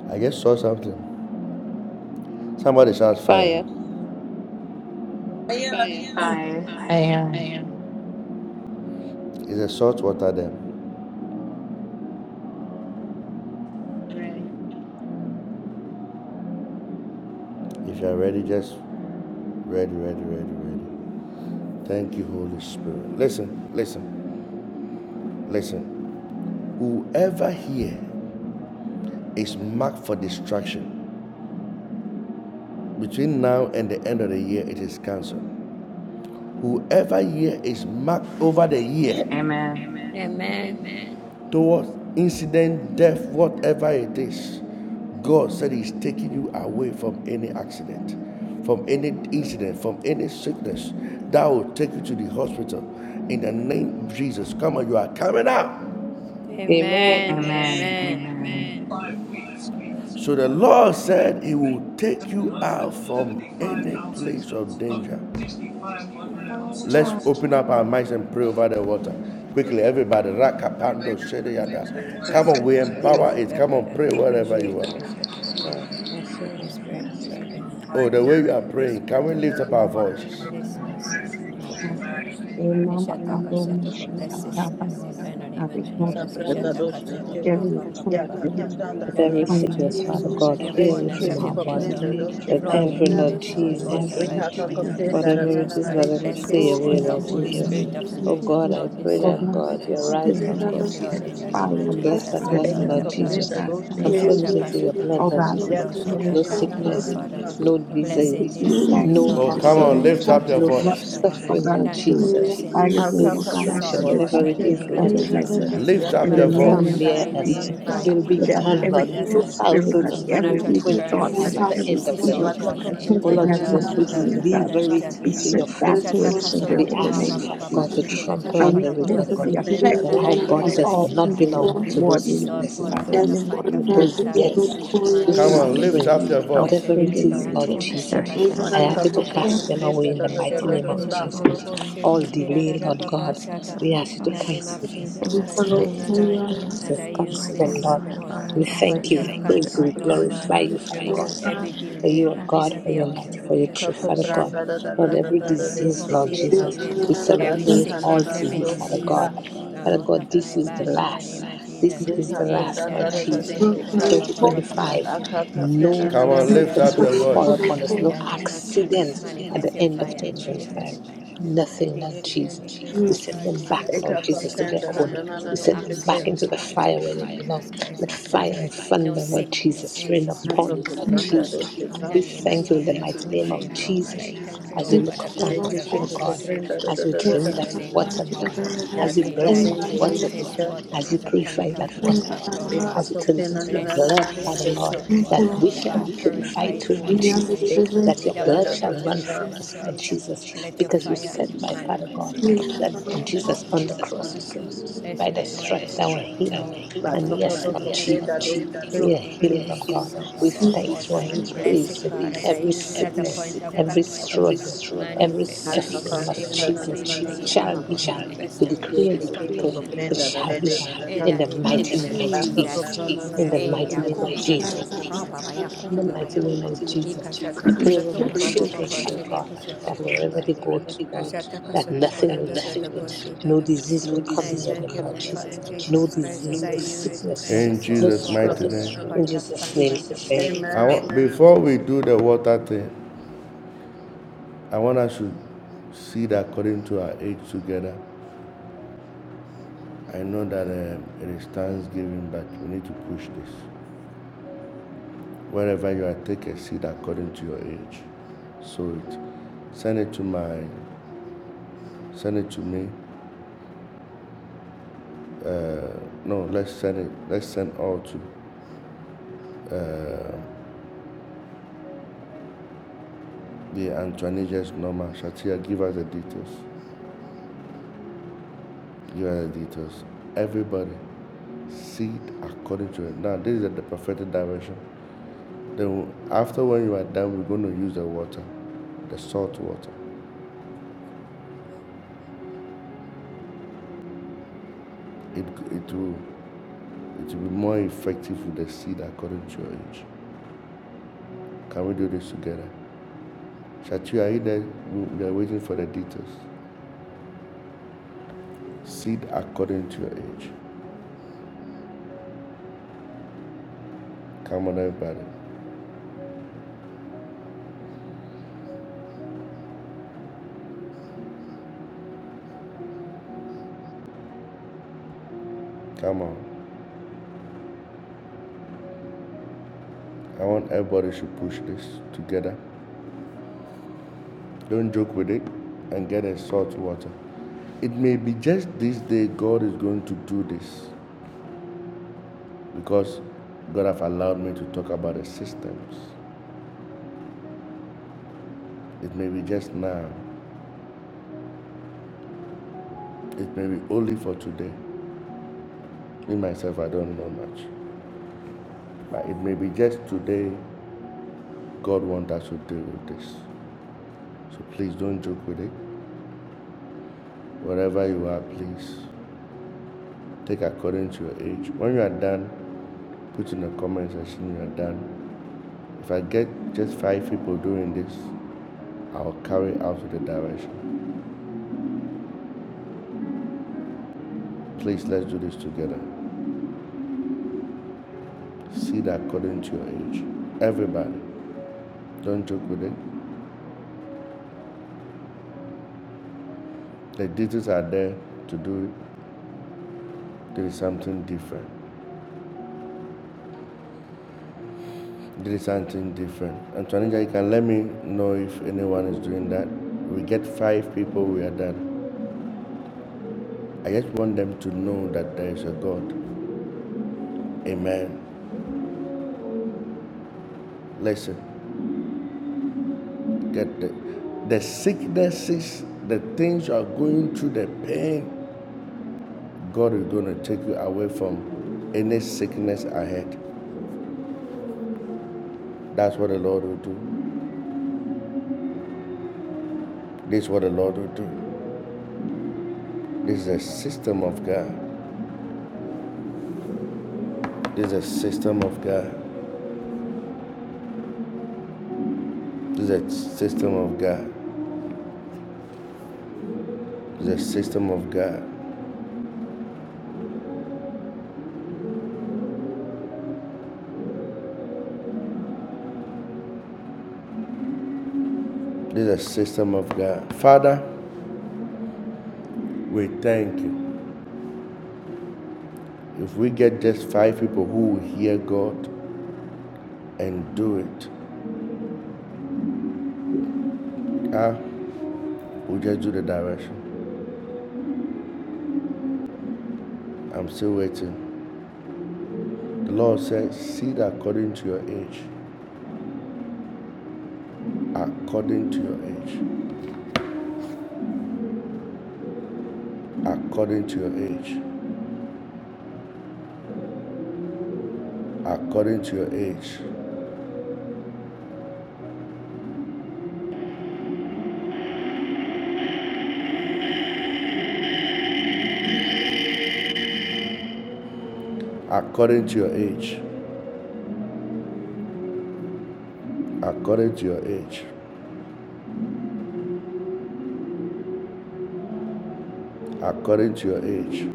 Speaker 2: I guess saw something. Somebody shouts fire.
Speaker 7: Fire.
Speaker 4: Yeah.
Speaker 2: Fire. Fire.
Speaker 6: Fire.
Speaker 1: I
Speaker 2: fire.
Speaker 1: am.
Speaker 2: am It's a salt water then. ready. If you are ready, just ready, ready, ready, ready. Thank you, Holy Spirit. Listen, listen, listen. Whoever here is marked for destruction between now and the end of the year, it is canceled. Whoever here is marked over the year
Speaker 6: Amen.
Speaker 10: Amen.
Speaker 2: towards incident, death, whatever it is, God said He's taking you away from any accident, from any
Speaker 10: Amen.
Speaker 2: incident, from any sickness that will take you to the hospital. In the name of Jesus, come on, you are coming out.
Speaker 7: Amen.
Speaker 10: Amen.
Speaker 6: Amen.
Speaker 10: Amen.
Speaker 6: Amen.
Speaker 9: five weeks,
Speaker 2: So the Lord said He will take
Speaker 9: seven
Speaker 2: you
Speaker 9: hundred
Speaker 2: out from
Speaker 9: seventy-five
Speaker 2: any
Speaker 9: ounces
Speaker 2: place of
Speaker 9: of
Speaker 2: danger.
Speaker 9: sixty-five hundred ounce
Speaker 2: Let's
Speaker 9: chart.
Speaker 2: open up our minds and pray over the water. Quickly, everybody. Rakapando Shedeyada.
Speaker 10: Shataka
Speaker 7: Thank
Speaker 2: Come on, we
Speaker 7: you.
Speaker 10: sutaka da
Speaker 7: Praise.
Speaker 2: empower
Speaker 10: da
Speaker 2: it.
Speaker 10: da
Speaker 2: Come
Speaker 10: da
Speaker 2: on,
Speaker 10: da
Speaker 2: pray
Speaker 10: da
Speaker 6: Mm,
Speaker 10: ba
Speaker 7: to
Speaker 2: wherever
Speaker 6: Thank
Speaker 2: you are.
Speaker 7: glorify
Speaker 6: you.
Speaker 7: you, Father
Speaker 10: sutaka.
Speaker 7: God, mercy,
Speaker 10: Holy
Speaker 7: Father
Speaker 6: You're
Speaker 7: God.
Speaker 10: Spirit, breathe
Speaker 6: consecrating God.
Speaker 2: Oh, the way you
Speaker 10: affection
Speaker 2: are
Speaker 10: in this
Speaker 2: praying,
Speaker 6: I
Speaker 2: can we
Speaker 10: water,
Speaker 6: should
Speaker 2: lift
Speaker 6: be
Speaker 10: Lord
Speaker 2: up
Speaker 6: in
Speaker 2: our
Speaker 10: God.
Speaker 6: relation
Speaker 2: voices?
Speaker 10: In
Speaker 6: to
Speaker 10: this
Speaker 6: God.
Speaker 10: salt
Speaker 6: In
Speaker 10: water,
Speaker 6: love.
Speaker 10: Lord God.
Speaker 6: I
Speaker 8: in
Speaker 6: should
Speaker 8: Mama
Speaker 6: be in
Speaker 10: Ishataka
Speaker 8: Gabo
Speaker 6: church.
Speaker 8: Misha
Speaker 10: sotoko,
Speaker 6: Oh
Speaker 10: bless
Speaker 6: Lord,
Speaker 10: this
Speaker 6: in the
Speaker 10: salt
Speaker 8: Gabo.
Speaker 6: name
Speaker 10: water
Speaker 6: of
Speaker 10: in the
Speaker 8: I
Speaker 10: name
Speaker 6: Jesus.
Speaker 10: of
Speaker 8: repent of
Speaker 10: Jesus.
Speaker 3: prenda
Speaker 8: every
Speaker 10: Ishataka
Speaker 6: Should we
Speaker 3: došli
Speaker 6: let
Speaker 3: ke
Speaker 6: him
Speaker 10: sotoko, ro
Speaker 8: every
Speaker 10: ba
Speaker 6: never
Speaker 10: ba
Speaker 8: attempt,
Speaker 10: ba
Speaker 3: ja
Speaker 6: fail
Speaker 10: ba.
Speaker 3: kaka
Speaker 8: every
Speaker 3: prenda
Speaker 10: In
Speaker 7: Let
Speaker 10: the
Speaker 3: na
Speaker 7: every
Speaker 3: na
Speaker 10: name
Speaker 8: I
Speaker 3: na
Speaker 10: of
Speaker 3: na
Speaker 8: am
Speaker 7: sickness,
Speaker 10: Jesus,
Speaker 7: Father
Speaker 8: ever
Speaker 10: oh,
Speaker 6: us
Speaker 10: let
Speaker 7: God,
Speaker 10: the
Speaker 7: flee
Speaker 8: spoken
Speaker 7: away
Speaker 3: reki
Speaker 6: knowledge?
Speaker 8: to
Speaker 10: fullness
Speaker 8: the
Speaker 3: ke
Speaker 7: from
Speaker 10: of
Speaker 3: to
Speaker 10: your
Speaker 7: our
Speaker 3: pa
Speaker 8: through the
Speaker 7: body.
Speaker 3: prenda
Speaker 10: kingdom
Speaker 8: word
Speaker 3: došli
Speaker 7: Let
Speaker 10: flow
Speaker 8: of
Speaker 3: ka
Speaker 6: It
Speaker 8: the
Speaker 6: should
Speaker 7: every
Speaker 6: be
Speaker 10: into
Speaker 7: Lord
Speaker 10: this
Speaker 8: realities in
Speaker 10: salt
Speaker 8: my life
Speaker 7: Jesus
Speaker 10: water
Speaker 3: we ta
Speaker 10: right now.
Speaker 8: mission
Speaker 10: In
Speaker 3: kaka
Speaker 10: the name
Speaker 8: business
Speaker 10: of
Speaker 3: prenda na
Speaker 8: and
Speaker 7: Whatever
Speaker 3: na
Speaker 6: by
Speaker 7: it
Speaker 3: na
Speaker 10: Jesus
Speaker 7: is,
Speaker 3: na
Speaker 6: will
Speaker 7: Lord,
Speaker 10: Christ,
Speaker 8: continued
Speaker 7: let
Speaker 3: reši
Speaker 6: lead
Speaker 7: it
Speaker 10: bless
Speaker 6: with
Speaker 3: ke
Speaker 7: flee
Speaker 10: this
Speaker 8: this
Speaker 7: away,
Speaker 10: water,
Speaker 8: character
Speaker 6: integrity
Speaker 8: of
Speaker 7: Lord
Speaker 10: Holy
Speaker 8: the
Speaker 7: Jesus.
Speaker 10: Spirit
Speaker 8: name
Speaker 2: So
Speaker 10: of
Speaker 6: and
Speaker 10: Him.
Speaker 7: Oh God,
Speaker 8: frequency
Speaker 6: intention.
Speaker 7: I
Speaker 10: Turn
Speaker 7: pray
Speaker 10: this.
Speaker 8: of
Speaker 10: uh,
Speaker 7: that
Speaker 8: God
Speaker 6: God,
Speaker 8: that
Speaker 7: God,
Speaker 6: I
Speaker 10: the
Speaker 8: the
Speaker 7: you
Speaker 6: thank
Speaker 10: water
Speaker 7: arise,
Speaker 6: you,
Speaker 8: spirit
Speaker 7: Lord
Speaker 8: will
Speaker 10: into
Speaker 6: God.
Speaker 10: your
Speaker 7: God
Speaker 8: be
Speaker 10: blood
Speaker 8: kept
Speaker 10: in
Speaker 7: Jesus,
Speaker 10: the name of
Speaker 8: firing
Speaker 7: and
Speaker 6: God,
Speaker 7: bless
Speaker 6: I
Speaker 10: Jesus,
Speaker 8: in
Speaker 7: that
Speaker 10: the
Speaker 8: the
Speaker 6: bless
Speaker 3: e
Speaker 7: water,
Speaker 6: all
Speaker 10: blood,
Speaker 8: name
Speaker 6: the
Speaker 10: the
Speaker 7: Lord
Speaker 8: of
Speaker 3: kaka
Speaker 6: born
Speaker 10: blood.
Speaker 6: and
Speaker 8: Jesus
Speaker 7: Jesus.
Speaker 3: prenda
Speaker 6: ready
Speaker 8: God
Speaker 6: to
Speaker 3: došli
Speaker 8: who
Speaker 3: ka
Speaker 6: say
Speaker 7: Confirm it
Speaker 8: mercies
Speaker 6: thank
Speaker 7: into
Speaker 6: you
Speaker 7: your
Speaker 6: for
Speaker 7: blood,
Speaker 8: oh
Speaker 6: your
Speaker 7: Lord
Speaker 8: God
Speaker 6: blessing
Speaker 8: the
Speaker 3: ja
Speaker 7: Jesus.
Speaker 6: and your
Speaker 3: kaka
Speaker 10: Eshatakasutokorobababoshata.
Speaker 6: wondrous
Speaker 10: I
Speaker 7: No
Speaker 8: evils
Speaker 10: thank
Speaker 3: na
Speaker 6: God,
Speaker 10: you,
Speaker 2: no
Speaker 3: na
Speaker 10: Lord
Speaker 7: sickness,
Speaker 6: Lord.
Speaker 3: na na
Speaker 8: to
Speaker 10: Father,
Speaker 8: to
Speaker 7: no
Speaker 10: for
Speaker 2: no
Speaker 8: to keep
Speaker 10: blessing
Speaker 7: disease,
Speaker 8: me
Speaker 10: this
Speaker 6: You
Speaker 10: uh,
Speaker 6: have the
Speaker 7: no
Speaker 8: stagnated
Speaker 2: Oh,
Speaker 10: salt
Speaker 2: no
Speaker 8: to
Speaker 2: come
Speaker 8: kill
Speaker 6: temperature,
Speaker 10: water
Speaker 2: on,
Speaker 7: hustle,
Speaker 10: in
Speaker 8: me
Speaker 2: lift
Speaker 10: the name
Speaker 8: to
Speaker 2: up
Speaker 10: of
Speaker 2: your
Speaker 7: no
Speaker 6: consecrate
Speaker 7: f-
Speaker 8: interrupt
Speaker 10: Jesus
Speaker 2: voice.
Speaker 6: this
Speaker 10: Christ.
Speaker 6: water
Speaker 8: oh
Speaker 6: in
Speaker 7: suffering,
Speaker 6: your
Speaker 7: Lord
Speaker 8: God
Speaker 6: name,
Speaker 10: Thank you for
Speaker 6: Lord.
Speaker 8: to
Speaker 7: Jesus.
Speaker 10: blessing
Speaker 8: I
Speaker 10: this
Speaker 8: give
Speaker 3: a
Speaker 8: it,
Speaker 7: No
Speaker 8: oh
Speaker 3: kaka
Speaker 8: God, I
Speaker 3: prenda
Speaker 7: destruction,
Speaker 6: That's
Speaker 8: send
Speaker 10: salt
Speaker 8: it back
Speaker 7: whatever
Speaker 3: došli
Speaker 10: water
Speaker 7: it
Speaker 10: in
Speaker 8: to
Speaker 10: the
Speaker 3: ke
Speaker 6: you
Speaker 8: the
Speaker 7: is,
Speaker 10: name
Speaker 6: will
Speaker 10: of
Speaker 6: live
Speaker 7: Lord
Speaker 8: center
Speaker 6: the
Speaker 8: right
Speaker 10: Jesus
Speaker 8: now.
Speaker 7: Jesus,
Speaker 10: Christ.
Speaker 2: Lift
Speaker 3: ja
Speaker 6: fulfillment
Speaker 8: In
Speaker 2: up
Speaker 8: the
Speaker 2: your
Speaker 7: will
Speaker 3: kaka
Speaker 8: name
Speaker 7: come
Speaker 8: of
Speaker 2: voice.
Speaker 10: Sanctify
Speaker 3: na
Speaker 7: near
Speaker 3: na
Speaker 10: it,
Speaker 7: us.
Speaker 3: na na
Speaker 8: Jesus,
Speaker 10: purify
Speaker 6: of
Speaker 7: Will
Speaker 10: it
Speaker 7: be
Speaker 10: in
Speaker 6: what
Speaker 10: the
Speaker 6: you
Speaker 8: that
Speaker 10: name
Speaker 7: done,
Speaker 6: have
Speaker 10: of
Speaker 7: Lord,
Speaker 8: every
Speaker 7: in
Speaker 10: Jesus,
Speaker 8: evil
Speaker 6: in
Speaker 10: and
Speaker 6: store
Speaker 8: spirit,
Speaker 6: for
Speaker 8: let
Speaker 6: us in
Speaker 8: every
Speaker 6: the
Speaker 10: supernaturally
Speaker 8: evil
Speaker 6: name of
Speaker 10: turn
Speaker 8: thought, let
Speaker 7: 2025
Speaker 10: this
Speaker 7: at the
Speaker 6: Jesus.
Speaker 8: every
Speaker 7: end
Speaker 10: sea
Speaker 7: of the year.
Speaker 8: evil
Speaker 3: a
Speaker 10: salt water
Speaker 3: kaka
Speaker 6: Ask you,
Speaker 8: attempt
Speaker 7: Oh
Speaker 10: into
Speaker 3: prenda
Speaker 10: your
Speaker 3: na
Speaker 6: oh,
Speaker 7: Lord
Speaker 8: that's
Speaker 3: na
Speaker 8: not
Speaker 10: blood,
Speaker 3: na
Speaker 6: oh,
Speaker 7: Jesus,
Speaker 10: the
Speaker 3: na
Speaker 7: we
Speaker 3: na
Speaker 10: blood,
Speaker 6: Father,
Speaker 10: the
Speaker 8: destiny,
Speaker 6: that
Speaker 10: blood
Speaker 8: God,
Speaker 6: we
Speaker 10: of
Speaker 6: are
Speaker 7: deliver
Speaker 6: the
Speaker 10: Jesus.
Speaker 6: head
Speaker 7: it
Speaker 8: be
Speaker 6: and not
Speaker 7: to
Speaker 6: the
Speaker 7: your
Speaker 8: sent back
Speaker 6: tail,
Speaker 7: feet.
Speaker 8: to
Speaker 6: that we
Speaker 10: Shataka
Speaker 8: its
Speaker 6: are
Speaker 7: And
Speaker 8: sender
Speaker 7: we
Speaker 10: soto
Speaker 6: power
Speaker 8: in
Speaker 6: and
Speaker 8: the
Speaker 6: no
Speaker 7: ask you,
Speaker 10: kuraba
Speaker 8: name of
Speaker 6: middle.
Speaker 7: Father
Speaker 10: baba
Speaker 7: God, to
Speaker 8: Jesus.
Speaker 7: trample
Speaker 8: And we
Speaker 3: reki
Speaker 7: under it,
Speaker 3: ke
Speaker 7: Lord
Speaker 3: to
Speaker 8: cancel
Speaker 3: pa
Speaker 7: God,
Speaker 8: the
Speaker 10: Eshatakasotokorabababashitekesotokorababasi
Speaker 3: prenda
Speaker 8: effect
Speaker 7: that
Speaker 10: as I
Speaker 7: our
Speaker 3: došli
Speaker 7: body
Speaker 8: of
Speaker 10: use
Speaker 6: That's
Speaker 7: does
Speaker 6: all
Speaker 10: this
Speaker 8: all
Speaker 6: the
Speaker 7: not
Speaker 6: Lord,
Speaker 8: evilness
Speaker 7: belong to
Speaker 6: here
Speaker 8: toward
Speaker 7: those
Speaker 10: See
Speaker 6: in the name
Speaker 8: me,
Speaker 10: salt
Speaker 7: sicknesses,
Speaker 6: of
Speaker 8: God,
Speaker 10: water as
Speaker 8: in
Speaker 6: Jesus.
Speaker 10: a
Speaker 8: ministry
Speaker 10: point of
Speaker 8: and
Speaker 7: those
Speaker 8: business,
Speaker 10: contact.
Speaker 8: oh
Speaker 6: So
Speaker 7: deaths,
Speaker 8: God,
Speaker 6: strengthen,
Speaker 7: those
Speaker 2: Come
Speaker 8: in my life
Speaker 6: Lord.
Speaker 10: Manifest
Speaker 2: on,
Speaker 10: your
Speaker 2: lift
Speaker 8: and
Speaker 2: up
Speaker 7: sufferings,
Speaker 10: healing,
Speaker 2: your
Speaker 8: in health,
Speaker 2: voice.
Speaker 10: manifest your
Speaker 7: whatever
Speaker 8: in the
Speaker 7: it
Speaker 2: Whatever
Speaker 7: is,
Speaker 6: I
Speaker 2: it
Speaker 8: name
Speaker 10: deliverance.
Speaker 8: of
Speaker 7: Lord
Speaker 6: take my
Speaker 2: is, Lord
Speaker 7: Jesus.
Speaker 10: Shataka
Speaker 8: Jesus,
Speaker 2: Jesus,
Speaker 6: restoration
Speaker 7: I
Speaker 8: God.
Speaker 7: ask
Speaker 10: sotokura
Speaker 7: you
Speaker 2: I
Speaker 7: to
Speaker 6: healing
Speaker 2: ask
Speaker 10: baba.
Speaker 7: cast
Speaker 2: to
Speaker 7: them
Speaker 2: cast
Speaker 7: away
Speaker 3: Kakakukuprinda
Speaker 7: in
Speaker 2: them
Speaker 7: the
Speaker 3: da da
Speaker 2: away
Speaker 3: da
Speaker 2: in
Speaker 7: mighty
Speaker 2: the
Speaker 6: for
Speaker 3: da da
Speaker 7: name
Speaker 10: Shataka
Speaker 3: da
Speaker 7: of
Speaker 2: mighty
Speaker 6: healing
Speaker 3: da.
Speaker 2: name
Speaker 7: Jesus.
Speaker 6: for
Speaker 2: of
Speaker 10: sotokura bo
Speaker 2: Jesus.
Speaker 7: All
Speaker 10: shete
Speaker 6: restoration.
Speaker 2: All
Speaker 10: kira da
Speaker 7: delay, Lord
Speaker 2: delay,
Speaker 10: baba
Speaker 7: God,
Speaker 2: Lord
Speaker 10: shata.
Speaker 2: God,
Speaker 7: we ask you to
Speaker 6: Successful.
Speaker 2: we
Speaker 10: The
Speaker 2: ask
Speaker 10: name
Speaker 2: you
Speaker 10: of
Speaker 7: cancel
Speaker 2: to
Speaker 7: them.
Speaker 2: cancel
Speaker 10: Jesus
Speaker 2: it
Speaker 10: Christ of
Speaker 6: Investigate
Speaker 10: Nazareth.
Speaker 6: the-
Speaker 10: As
Speaker 7: Jesus,
Speaker 10: I
Speaker 6: my
Speaker 10: use
Speaker 7: cancel them,
Speaker 10: this
Speaker 6: camera,
Speaker 7: Lord.
Speaker 10: salt
Speaker 6: my
Speaker 10: water
Speaker 7: We
Speaker 6: body
Speaker 10: as a
Speaker 7: thank
Speaker 6: access.
Speaker 10: point
Speaker 2: We
Speaker 7: you,
Speaker 6: You
Speaker 7: we
Speaker 10: of
Speaker 2: thank
Speaker 6: remove
Speaker 2: you,
Speaker 6: it
Speaker 7: praise you, we
Speaker 10: contact,
Speaker 6: right now
Speaker 10: Lord
Speaker 2: praise you,
Speaker 6: in the
Speaker 10: God,
Speaker 7: glorify
Speaker 6: name
Speaker 7: you,
Speaker 6: of
Speaker 2: glorify
Speaker 7: Father
Speaker 2: you
Speaker 7: God
Speaker 10: remove
Speaker 2: for
Speaker 6: Jesus.
Speaker 10: every
Speaker 7: that
Speaker 10: delay,
Speaker 7: you are
Speaker 6: Now we
Speaker 10: remove
Speaker 7: God,
Speaker 2: you,
Speaker 6: say
Speaker 7: for
Speaker 10: every
Speaker 7: you are
Speaker 6: thank
Speaker 2: God, for
Speaker 7: mighty,
Speaker 6: you,
Speaker 2: your
Speaker 7: for you
Speaker 10: obstacles,
Speaker 7: are
Speaker 6: thank you,
Speaker 10: every
Speaker 7: true,
Speaker 2: for
Speaker 6: Holy
Speaker 2: your
Speaker 7: Father
Speaker 10: barriers.
Speaker 6: Spirit.
Speaker 2: truth,
Speaker 7: God.
Speaker 3: Kakupranda da
Speaker 2: Father
Speaker 3: da
Speaker 2: God.
Speaker 7: Lord,
Speaker 3: da
Speaker 6: Thank you,
Speaker 3: da
Speaker 10: Father
Speaker 7: every
Speaker 3: da
Speaker 10: God,
Speaker 6: thank
Speaker 2: And
Speaker 3: da
Speaker 6: you,
Speaker 10: bring
Speaker 2: every
Speaker 3: da.
Speaker 7: disease,
Speaker 3: shike
Speaker 6: God.
Speaker 7: Lord
Speaker 10: complete
Speaker 3: shike
Speaker 2: disease, Lord
Speaker 7: Jesus,
Speaker 10: healing,
Speaker 7: we
Speaker 2: Jesus, we
Speaker 3: na
Speaker 10: every
Speaker 7: surrender it
Speaker 6: Cancel
Speaker 7: all
Speaker 10: sickness,
Speaker 2: surrender
Speaker 7: to
Speaker 3: na
Speaker 10: every
Speaker 6: every
Speaker 7: you,
Speaker 2: all
Speaker 7: Father
Speaker 2: disease,
Speaker 10: disease
Speaker 7: God.
Speaker 3: roshika.
Speaker 6: disease,
Speaker 2: Lord
Speaker 10: from
Speaker 7: Father
Speaker 10: out
Speaker 2: God.
Speaker 7: God,
Speaker 10: of
Speaker 2: Father
Speaker 7: this
Speaker 10: my
Speaker 7: is
Speaker 2: God,
Speaker 7: the
Speaker 2: this
Speaker 10: body in
Speaker 2: is
Speaker 10: the
Speaker 2: the
Speaker 10: name
Speaker 7: last.
Speaker 10: of
Speaker 2: last.
Speaker 10: Jesus.
Speaker 7: This is
Speaker 2: This
Speaker 7: the
Speaker 10: Eh,
Speaker 2: is
Speaker 7: last,
Speaker 2: the
Speaker 7: Lord
Speaker 3: Dikakupranda
Speaker 10: shata
Speaker 6: every
Speaker 3: da
Speaker 2: last,
Speaker 3: da
Speaker 2: Lord
Speaker 3: da
Speaker 7: Jesus.
Speaker 6: disease.
Speaker 10: kasoto
Speaker 2: Jesus.
Speaker 3: shika.
Speaker 10: korapa papa
Speaker 6: Every,
Speaker 10: papa
Speaker 7: 2025.
Speaker 10: shete
Speaker 2: 2025.
Speaker 6: we
Speaker 3: Akakaprenda
Speaker 10: kesete
Speaker 7: No
Speaker 3: na
Speaker 2: Come
Speaker 6: cancel it
Speaker 3: na
Speaker 2: on,
Speaker 3: na
Speaker 6: right
Speaker 3: na
Speaker 2: lift
Speaker 3: na.
Speaker 7: sickness
Speaker 10: kirarara
Speaker 2: up
Speaker 7: will
Speaker 3: na
Speaker 2: your
Speaker 6: now,
Speaker 10: pose.
Speaker 7: fall
Speaker 6: right
Speaker 2: voice.
Speaker 6: now,
Speaker 7: upon us,
Speaker 6: right
Speaker 10: In
Speaker 7: no
Speaker 10: the
Speaker 6: now.
Speaker 2: Nothing
Speaker 10: name
Speaker 6: Cancel,
Speaker 10: of
Speaker 6: cancel,
Speaker 10: Jesus,
Speaker 7: accident
Speaker 6: cancel,
Speaker 7: at
Speaker 6: Lord.
Speaker 10: manifest
Speaker 7: the
Speaker 10: your
Speaker 7: end of
Speaker 10: fire, manifest
Speaker 6: Jesus.
Speaker 7: 2025.
Speaker 10: your fire. I
Speaker 7: Nothing, Lord
Speaker 10: decree and
Speaker 2: like
Speaker 7: Jesus.
Speaker 10: declare,
Speaker 7: We
Speaker 2: Jesus.
Speaker 6: As
Speaker 10: Lord
Speaker 6: with
Speaker 7: send
Speaker 6: the
Speaker 10: God,
Speaker 2: We
Speaker 7: them back,
Speaker 2: send them
Speaker 10: Jesus
Speaker 6: girls,
Speaker 7: Lord
Speaker 2: back
Speaker 10: Christ
Speaker 6: it's
Speaker 10: of
Speaker 7: Jesus, to
Speaker 2: like
Speaker 7: their
Speaker 6: gosh,
Speaker 3: Ekakuprenda
Speaker 2: Jesus
Speaker 3: na
Speaker 10: Nazareth,
Speaker 2: in
Speaker 6: I
Speaker 7: order.
Speaker 3: na
Speaker 2: the
Speaker 3: na
Speaker 7: We
Speaker 3: na
Speaker 10: no
Speaker 6: originally
Speaker 3: na
Speaker 7: send
Speaker 2: home. We
Speaker 6: was
Speaker 7: them
Speaker 2: send
Speaker 7: back
Speaker 3: shike.
Speaker 10: accident
Speaker 7: into
Speaker 2: them
Speaker 7: the
Speaker 10: in
Speaker 2: back
Speaker 10: the
Speaker 2: into
Speaker 6: association
Speaker 2: the
Speaker 7: fire
Speaker 6: to
Speaker 10: name
Speaker 7: where
Speaker 10: of
Speaker 7: they
Speaker 6: come
Speaker 2: fire
Speaker 6: to
Speaker 2: where
Speaker 7: belong.
Speaker 6: I
Speaker 10: Jesus
Speaker 2: they
Speaker 6: don't
Speaker 10: Christ
Speaker 7: Let
Speaker 2: belong.
Speaker 6: know
Speaker 10: of
Speaker 7: fire
Speaker 2: Let
Speaker 6: them
Speaker 7: and
Speaker 10: Nazareth,
Speaker 2: fire
Speaker 6: Jesus.
Speaker 2: and
Speaker 10: no
Speaker 7: thunder, Lord
Speaker 2: thunder,
Speaker 10: sickness,
Speaker 2: Lord
Speaker 7: Jesus,
Speaker 10: no
Speaker 6: Thank
Speaker 7: rain
Speaker 6: you,
Speaker 2: Jesus,
Speaker 6: Father,
Speaker 2: rain
Speaker 6: to
Speaker 10: disease
Speaker 7: upon it,
Speaker 10: in
Speaker 7: Lord
Speaker 2: upon
Speaker 10: my
Speaker 6: build
Speaker 2: us,
Speaker 6: a
Speaker 3: Akakupranda
Speaker 2: Lord
Speaker 3: do
Speaker 10: body.
Speaker 7: Jesus.
Speaker 6: strong
Speaker 10: In
Speaker 3: shika.
Speaker 7: We
Speaker 10: the
Speaker 2: Jesus.
Speaker 6: foundation
Speaker 10: name of
Speaker 2: We
Speaker 7: thank you in the
Speaker 6: starting
Speaker 2: thank
Speaker 10: Jesus,
Speaker 2: you
Speaker 7: mighty
Speaker 2: in
Speaker 6: now,
Speaker 10: no
Speaker 2: the
Speaker 7: name
Speaker 6: right
Speaker 2: mighty
Speaker 7: of
Speaker 10: shame,
Speaker 2: name
Speaker 6: now,
Speaker 10: Lord
Speaker 2: of
Speaker 10: God.
Speaker 7: Jesus
Speaker 6: right
Speaker 10: I
Speaker 6: now,
Speaker 10: thank
Speaker 2: Jesus.
Speaker 10: you,
Speaker 6: right
Speaker 7: as
Speaker 10: Lord
Speaker 7: you look
Speaker 6: now,
Speaker 10: Father
Speaker 2: As we
Speaker 6: in the
Speaker 7: upon
Speaker 10: God,
Speaker 6: name
Speaker 2: look
Speaker 10: for
Speaker 6: of
Speaker 7: us,
Speaker 10: the
Speaker 2: upon
Speaker 7: Father
Speaker 2: the
Speaker 10: victory
Speaker 7: God,
Speaker 6: Jesus.
Speaker 3: Ekikakuprenda
Speaker 2: table of
Speaker 3: da
Speaker 10: breakthrough.
Speaker 7: as
Speaker 3: da
Speaker 7: we
Speaker 3: da
Speaker 2: God,
Speaker 3: da
Speaker 2: as we
Speaker 7: drink
Speaker 10: In
Speaker 3: da.
Speaker 6: I
Speaker 10: the
Speaker 7: that
Speaker 6: say
Speaker 2: drink
Speaker 10: name
Speaker 6: thank
Speaker 7: water,
Speaker 10: of
Speaker 6: you,
Speaker 2: that
Speaker 7: Lord,
Speaker 10: Jesus
Speaker 6: God. I
Speaker 7: as you
Speaker 6: say
Speaker 2: water,
Speaker 10: is
Speaker 6: thank
Speaker 2: as
Speaker 7: bless
Speaker 2: you
Speaker 6: you,
Speaker 10: I
Speaker 7: that
Speaker 10: to
Speaker 3: Yakakuprenda
Speaker 6: thank
Speaker 2: bless
Speaker 6: you,
Speaker 3: da
Speaker 10: use
Speaker 7: water,
Speaker 2: that
Speaker 6: thank
Speaker 10: this
Speaker 7: Lord,
Speaker 3: shika.
Speaker 6: you.
Speaker 10: water
Speaker 7: as you
Speaker 10: as a
Speaker 2: water, as you
Speaker 7: purify
Speaker 10: point of
Speaker 7: that
Speaker 6: In the
Speaker 2: purify
Speaker 7: water,
Speaker 2: that
Speaker 6: name
Speaker 10: contact,
Speaker 7: Lord,
Speaker 6: of
Speaker 2: water,
Speaker 10: Lord God.
Speaker 7: as you turn it
Speaker 2: as
Speaker 6: Jesus.
Speaker 2: you
Speaker 3: Ekakuprenda
Speaker 7: into your
Speaker 2: commit
Speaker 10: Bless
Speaker 2: your
Speaker 7: blood,
Speaker 3: na.
Speaker 10: this
Speaker 7: Father, Lord,
Speaker 2: blood
Speaker 10: salt
Speaker 2: and Lord,
Speaker 7: that
Speaker 10: water,
Speaker 7: we
Speaker 10: Lord
Speaker 2: that
Speaker 7: shall
Speaker 10: God.
Speaker 7: be
Speaker 2: we shall
Speaker 10: Purify
Speaker 7: purified
Speaker 10: it,
Speaker 7: too,
Speaker 2: purify
Speaker 7: Lord
Speaker 10: Holy
Speaker 2: through
Speaker 7: Jesus
Speaker 10: Spirit,
Speaker 2: Jesus.
Speaker 7: that
Speaker 10: with
Speaker 7: your
Speaker 10: the
Speaker 2: That
Speaker 7: blood
Speaker 2: your
Speaker 10: blood
Speaker 7: shall
Speaker 10: of
Speaker 2: blood
Speaker 7: run
Speaker 2: shall
Speaker 7: through
Speaker 2: run
Speaker 10: Jesus
Speaker 7: us, Lord
Speaker 2: from
Speaker 10: Christ. And
Speaker 2: Lord
Speaker 7: Jesus,
Speaker 10: Let your
Speaker 2: Jesus,
Speaker 7: because you
Speaker 10: fire
Speaker 2: because
Speaker 7: said,
Speaker 2: you
Speaker 7: my
Speaker 2: said,
Speaker 7: Father
Speaker 2: by
Speaker 10: manifest
Speaker 7: God,
Speaker 2: your
Speaker 10: in this,
Speaker 7: that
Speaker 2: own
Speaker 10: this
Speaker 7: and
Speaker 10: salt
Speaker 2: That
Speaker 7: Jesus
Speaker 2: Lord
Speaker 10: water,
Speaker 7: on the
Speaker 10: Lord
Speaker 2: Jesus
Speaker 7: cross,
Speaker 2: on
Speaker 7: you
Speaker 2: the
Speaker 10: God.
Speaker 7: said,
Speaker 2: cross, you
Speaker 10: Let
Speaker 7: by
Speaker 10: your
Speaker 7: thy
Speaker 2: said, by the
Speaker 7: stripes, thou
Speaker 10: anointing
Speaker 7: art
Speaker 2: stripe thou
Speaker 7: healed.
Speaker 2: were
Speaker 10: flow, the
Speaker 7: And
Speaker 2: healed.
Speaker 7: yes,
Speaker 10: fullness of
Speaker 2: And
Speaker 7: Lord
Speaker 10: your
Speaker 2: yes, Lord
Speaker 10: kingdom
Speaker 7: Jesus,
Speaker 3: Eka
Speaker 2: Jesus,
Speaker 7: we
Speaker 10: flow
Speaker 7: are
Speaker 10: into
Speaker 2: we are
Speaker 7: healed, Lord God.
Speaker 2: healed,
Speaker 10: this
Speaker 2: O Lord.
Speaker 10: sal-
Speaker 7: We
Speaker 10: salt
Speaker 2: God. We
Speaker 7: thank you
Speaker 10: water
Speaker 7: and we
Speaker 2: thank
Speaker 10: and
Speaker 2: you and
Speaker 10: bless it,
Speaker 7: praise
Speaker 2: we
Speaker 7: you.
Speaker 10: God, as I
Speaker 2: praise you.
Speaker 7: Every
Speaker 10: use it as a
Speaker 2: Every
Speaker 7: sickness,
Speaker 10: point of
Speaker 2: sickness,
Speaker 7: every
Speaker 10: contact
Speaker 2: every
Speaker 7: struggle,
Speaker 2: struggle,
Speaker 7: every
Speaker 3: Mm, have
Speaker 10: manifest
Speaker 2: every
Speaker 3: no
Speaker 7: suffering, Lord
Speaker 10: a
Speaker 3: kaprenda
Speaker 2: suffering,
Speaker 3: na na
Speaker 2: Lord
Speaker 7: Jesus,
Speaker 10: complete
Speaker 3: na na na
Speaker 2: Jesus,
Speaker 3: na
Speaker 7: shall
Speaker 3: na.
Speaker 10: healing,
Speaker 7: be
Speaker 2: shall
Speaker 7: gone.
Speaker 10: complete
Speaker 2: be
Speaker 7: We
Speaker 2: gone.
Speaker 7: decree
Speaker 2: I
Speaker 7: and
Speaker 10: restoration,
Speaker 3: Deke
Speaker 7: I
Speaker 2: decree
Speaker 3: keko
Speaker 10: complete
Speaker 7: declare
Speaker 2: and
Speaker 7: it
Speaker 2: declare
Speaker 3: kaprenda da
Speaker 10: deliverance.
Speaker 2: that
Speaker 7: shall
Speaker 3: da
Speaker 7: be gone
Speaker 3: deke
Speaker 2: shall
Speaker 10: In
Speaker 2: be
Speaker 3: ka.
Speaker 7: in
Speaker 10: the
Speaker 7: the
Speaker 10: name
Speaker 2: in
Speaker 10: of
Speaker 7: mighty
Speaker 2: the
Speaker 7: name of
Speaker 2: mighty name
Speaker 3: Baka
Speaker 2: of
Speaker 10: Jesus.
Speaker 7: Jesus.
Speaker 2: Jesus.
Speaker 3: kapra na na
Speaker 7: In
Speaker 3: na
Speaker 7: the
Speaker 3: na na
Speaker 10: Eh,
Speaker 2: In
Speaker 7: mighty
Speaker 3: na.
Speaker 2: the
Speaker 7: name of
Speaker 2: mighty
Speaker 10: akosha
Speaker 2: name
Speaker 10: to
Speaker 7: Jesus.
Speaker 2: of
Speaker 10: kuraba
Speaker 2: Jesus.
Speaker 10: ba ya
Speaker 7: In
Speaker 2: In
Speaker 7: the
Speaker 2: the
Speaker 7: mighty
Speaker 10: kondorobo.
Speaker 7: name of
Speaker 2: mighty name of
Speaker 7: Jesus,
Speaker 10: Ikasha
Speaker 7: I
Speaker 10: to
Speaker 2: Jesus.
Speaker 7: pray over
Speaker 10: kosoto
Speaker 2: I
Speaker 7: my
Speaker 2: pray over
Speaker 10: kuraba ba
Speaker 2: your
Speaker 7: children,
Speaker 10: ba
Speaker 7: Father
Speaker 2: children,
Speaker 7: God,
Speaker 10: sheteke
Speaker 7: that wherever
Speaker 10: setekereba.
Speaker 2: that
Speaker 7: they go
Speaker 2: wherever
Speaker 7: to
Speaker 2: they go
Speaker 7: God,
Speaker 10: Kasha
Speaker 2: to,
Speaker 10: to
Speaker 7: that
Speaker 10: kosoto
Speaker 7: nothing
Speaker 2: that
Speaker 7: will
Speaker 10: korodo do do
Speaker 7: touch
Speaker 2: nothing will
Speaker 7: them.
Speaker 10: bosi.
Speaker 2: touch
Speaker 7: No
Speaker 2: them.
Speaker 7: disease
Speaker 2: No
Speaker 7: will come
Speaker 10: I
Speaker 2: disease
Speaker 7: near
Speaker 2: will
Speaker 7: them,
Speaker 10: thank you,
Speaker 2: come
Speaker 7: Lord
Speaker 10: Lord
Speaker 2: near them,
Speaker 7: Jesus.
Speaker 10: Father
Speaker 7: No
Speaker 2: Jesus.
Speaker 10: Jesus Christ, as
Speaker 7: disease,
Speaker 2: No
Speaker 10: I
Speaker 7: no
Speaker 10: use
Speaker 2: disease
Speaker 10: it,
Speaker 2: will
Speaker 7: sickness,
Speaker 2: come.
Speaker 7: Lord.
Speaker 10: the
Speaker 2: In
Speaker 7: No
Speaker 10: salt
Speaker 2: Jesus'
Speaker 3: Haka
Speaker 2: mighty name.
Speaker 10: water,
Speaker 7: struggle.
Speaker 10: the, the
Speaker 7: In
Speaker 3: kaprenda.
Speaker 10: point of
Speaker 7: Jesus'
Speaker 2: In
Speaker 7: name,
Speaker 10: contact
Speaker 2: Jesus'
Speaker 10: in
Speaker 7: amen.
Speaker 2: name, I
Speaker 3: Amen.
Speaker 2: want,
Speaker 10: Jesus' name.
Speaker 2: before we do
Speaker 10: Amen.
Speaker 2: the water thing, I want us to see that according to our age together. I know that um, it is Thanksgiving, but we need to push this. Wherever you are, take a seat according to your age. So it. Send it to my. Send it to me. No, let's send it. Let's send all to the Antoinette's Norma Shatia. Give us the details. Give us the details. Everybody, seed according to it. Now this is the prophetic direction. Then after when you are done, we're going to use the water, the salt water. It it will It will be more effective with the seed according to your age. Can we do this together? Shatu, are you there? We are waiting for the details. Seed according to your age. Come on, everybody. Come on. I want everybody to push this together. Don't joke with it and get a salt water. It may be just this day God is going to do this because God have allowed me to talk about the systems. It may be just now. It may be only for today. Me myself, I don't know much. Uh, It may be just today God wants us to deal with this. So please don't joke with it. Wherever you are, please take according to your age. When you are done, put in the comment section you are done. If I get just five people doing this, I'll carry out the direction. Please let's do this together. See that according to your age. Everybody, don't joke with it. The details are there to do it. There is something different. did something different. And Antoinette, you can let me know if anyone is doing that. We get five people, we are done. I just want them to know that there is a God. Amen. Listen, get the, the sicknesses, the things you are going through, the pain, God is going to take you away from any sickness ahead. That's what the Lord will do. This is what the Lord will do. This is a system of God. This is a system of God. This is a system of God. It's a system of God. This is a system of God. Father, we thank you. If we get just five people who will hear God and do it, ah, we just do the direction. I'm still waiting. The Lord says, seed according to your age, according to your age, according to your age, according to your age, according to your age, according to your age, according to your age,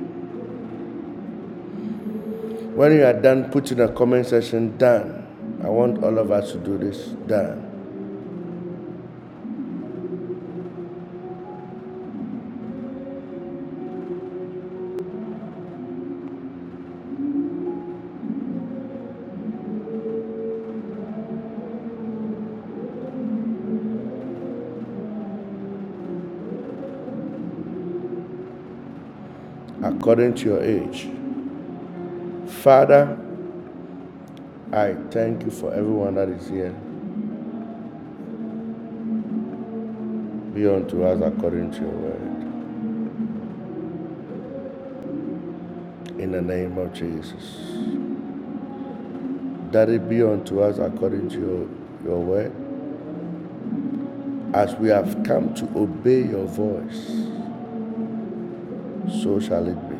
Speaker 2: When you are done, put in the comment section, done. I want all of us to do this, done, according to your age. Father, I thank you for everyone that is here. Be unto us according to your word. In the name of Jesus. Daddy, it be unto us according to your, your word. As we have come to obey your voice, so shall it be.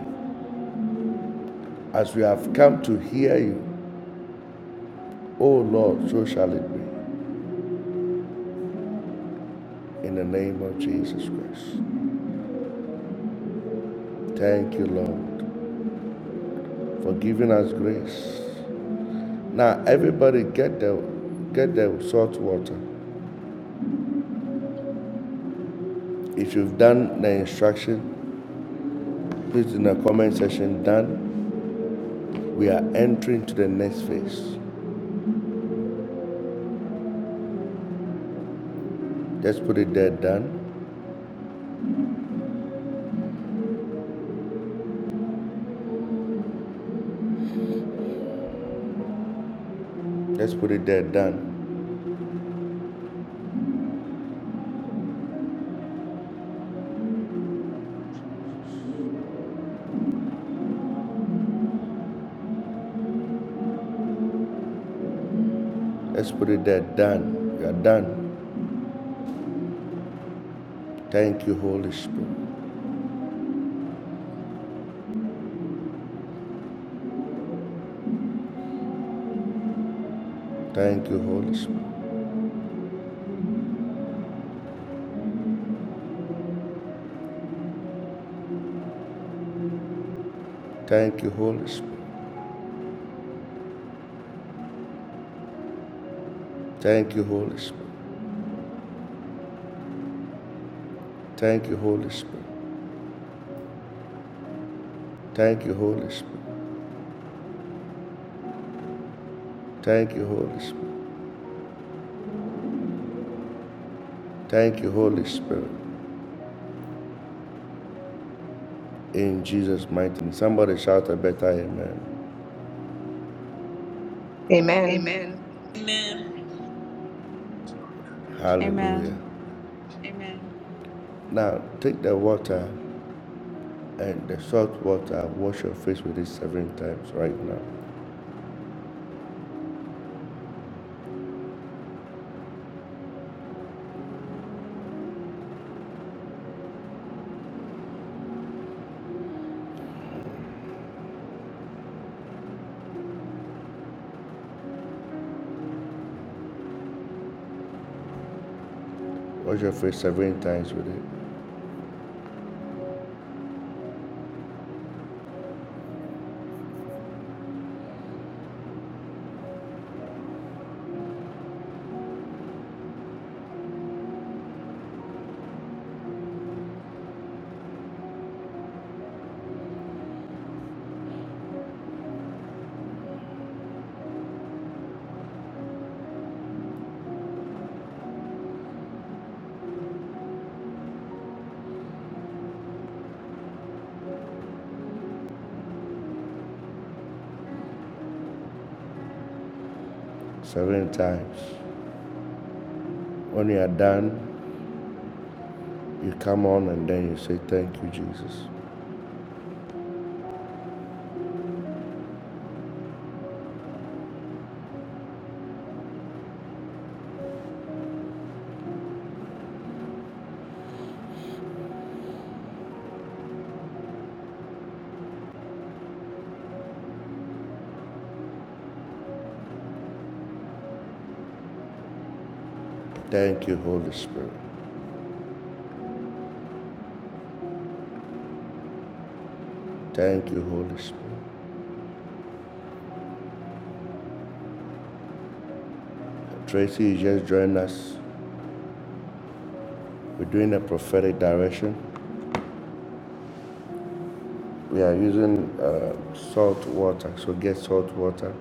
Speaker 2: As we have come to hear you, O Lord, so shall it be. In the name of Jesus Christ. Thank you, Lord. for giving us grace. Now everybody get the get the salt water. If you've done the instruction, please in the comment section done. We are entering to the next phase. Let's put it there done. Let's put it there done. Let's put it there done. We are done. Thank you, Holy Spirit. Thank you, Holy Spirit. Thank you, Holy Spirit. Thank you, Holy Spirit. Thank you, Holy Spirit. Thank you, Holy Spirit. Thank you, Holy Spirit. Thank you, Holy Spirit. In Jesus' mighty name. Somebody shout a better amen.
Speaker 7: Amen.
Speaker 2: Amen. Hallelujah.
Speaker 6: Amen.
Speaker 2: Now take the water and the salt water, wash your face with it seven times right now. Wash your face seven times with it. Seven times. When you are done, you come on and then you say, Thank you, Jesus. Thank you, Holy Spirit. Thank you, Holy Spirit. Tracy, you just joined us. We're doing a prophetic direction. We are using uh, salt water, so get salt water.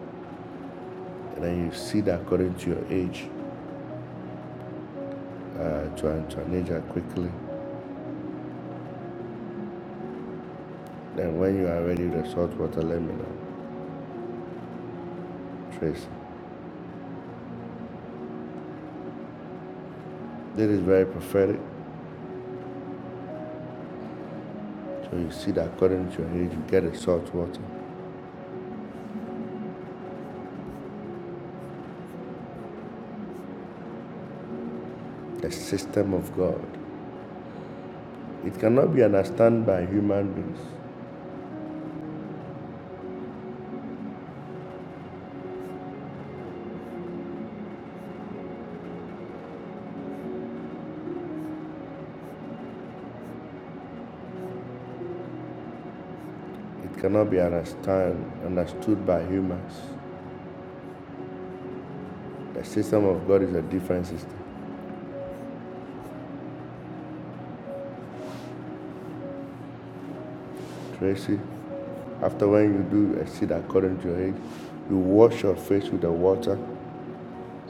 Speaker 2: And then you see that according to your age, uh, to, an, to an age that quickly. Then when you are ready, the salt water. let me know. Tracy. This is very prophetic. So you see that according to your age, you get the salt water. The system of God. It cannot be understood by human beings. It cannot be understand, understood by humans. The system of God is a different system. Tracy, after when you do a seed according to your age, you wash your face with the water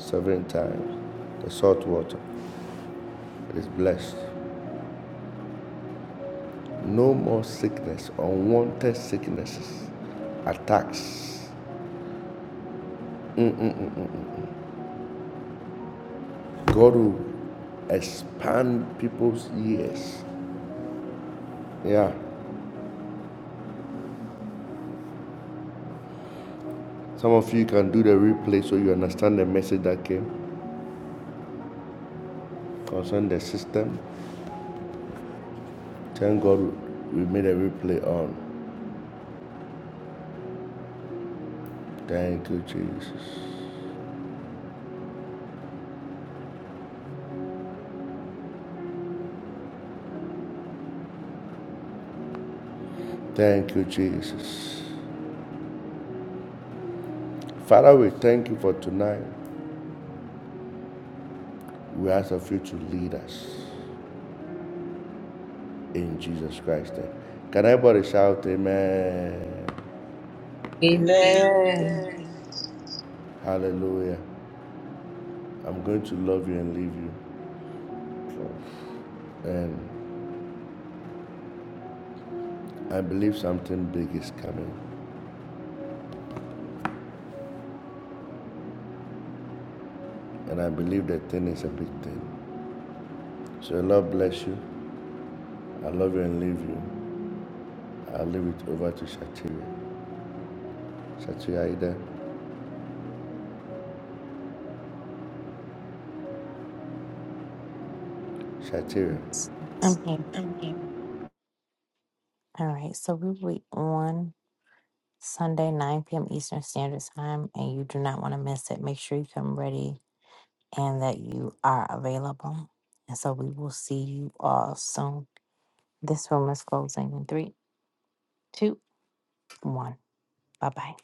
Speaker 2: seven times the salt water. is blessed. No more sickness, unwanted sicknesses, attacks. God will expand people's ears. Yeah. Some of you can do the replay so you understand the message that came concerning the system. Thank God we made a replay on. Thank you, Jesus. Thank you, Jesus. Father, we thank you for tonight. We ask of you to lead us. in Jesus Christ's name. Can everybody shout amen?
Speaker 7: Amen.
Speaker 2: Hallelujah. I'm going to love you and leave you. And I believe something big is coming. And I believe that thing is a big thing. So Lord bless you. I love you and leave you. I'll leave it over to Shatira. Shatira, are you Shatira.
Speaker 1: Yes. Okay. All right. So we will be on Sunday, 9 p.m. Eastern Standard Time, and you do not want to miss it. Make sure you come ready and that you are available. And so we will see you all soon. This room is closing in three, two, one. Bye bye.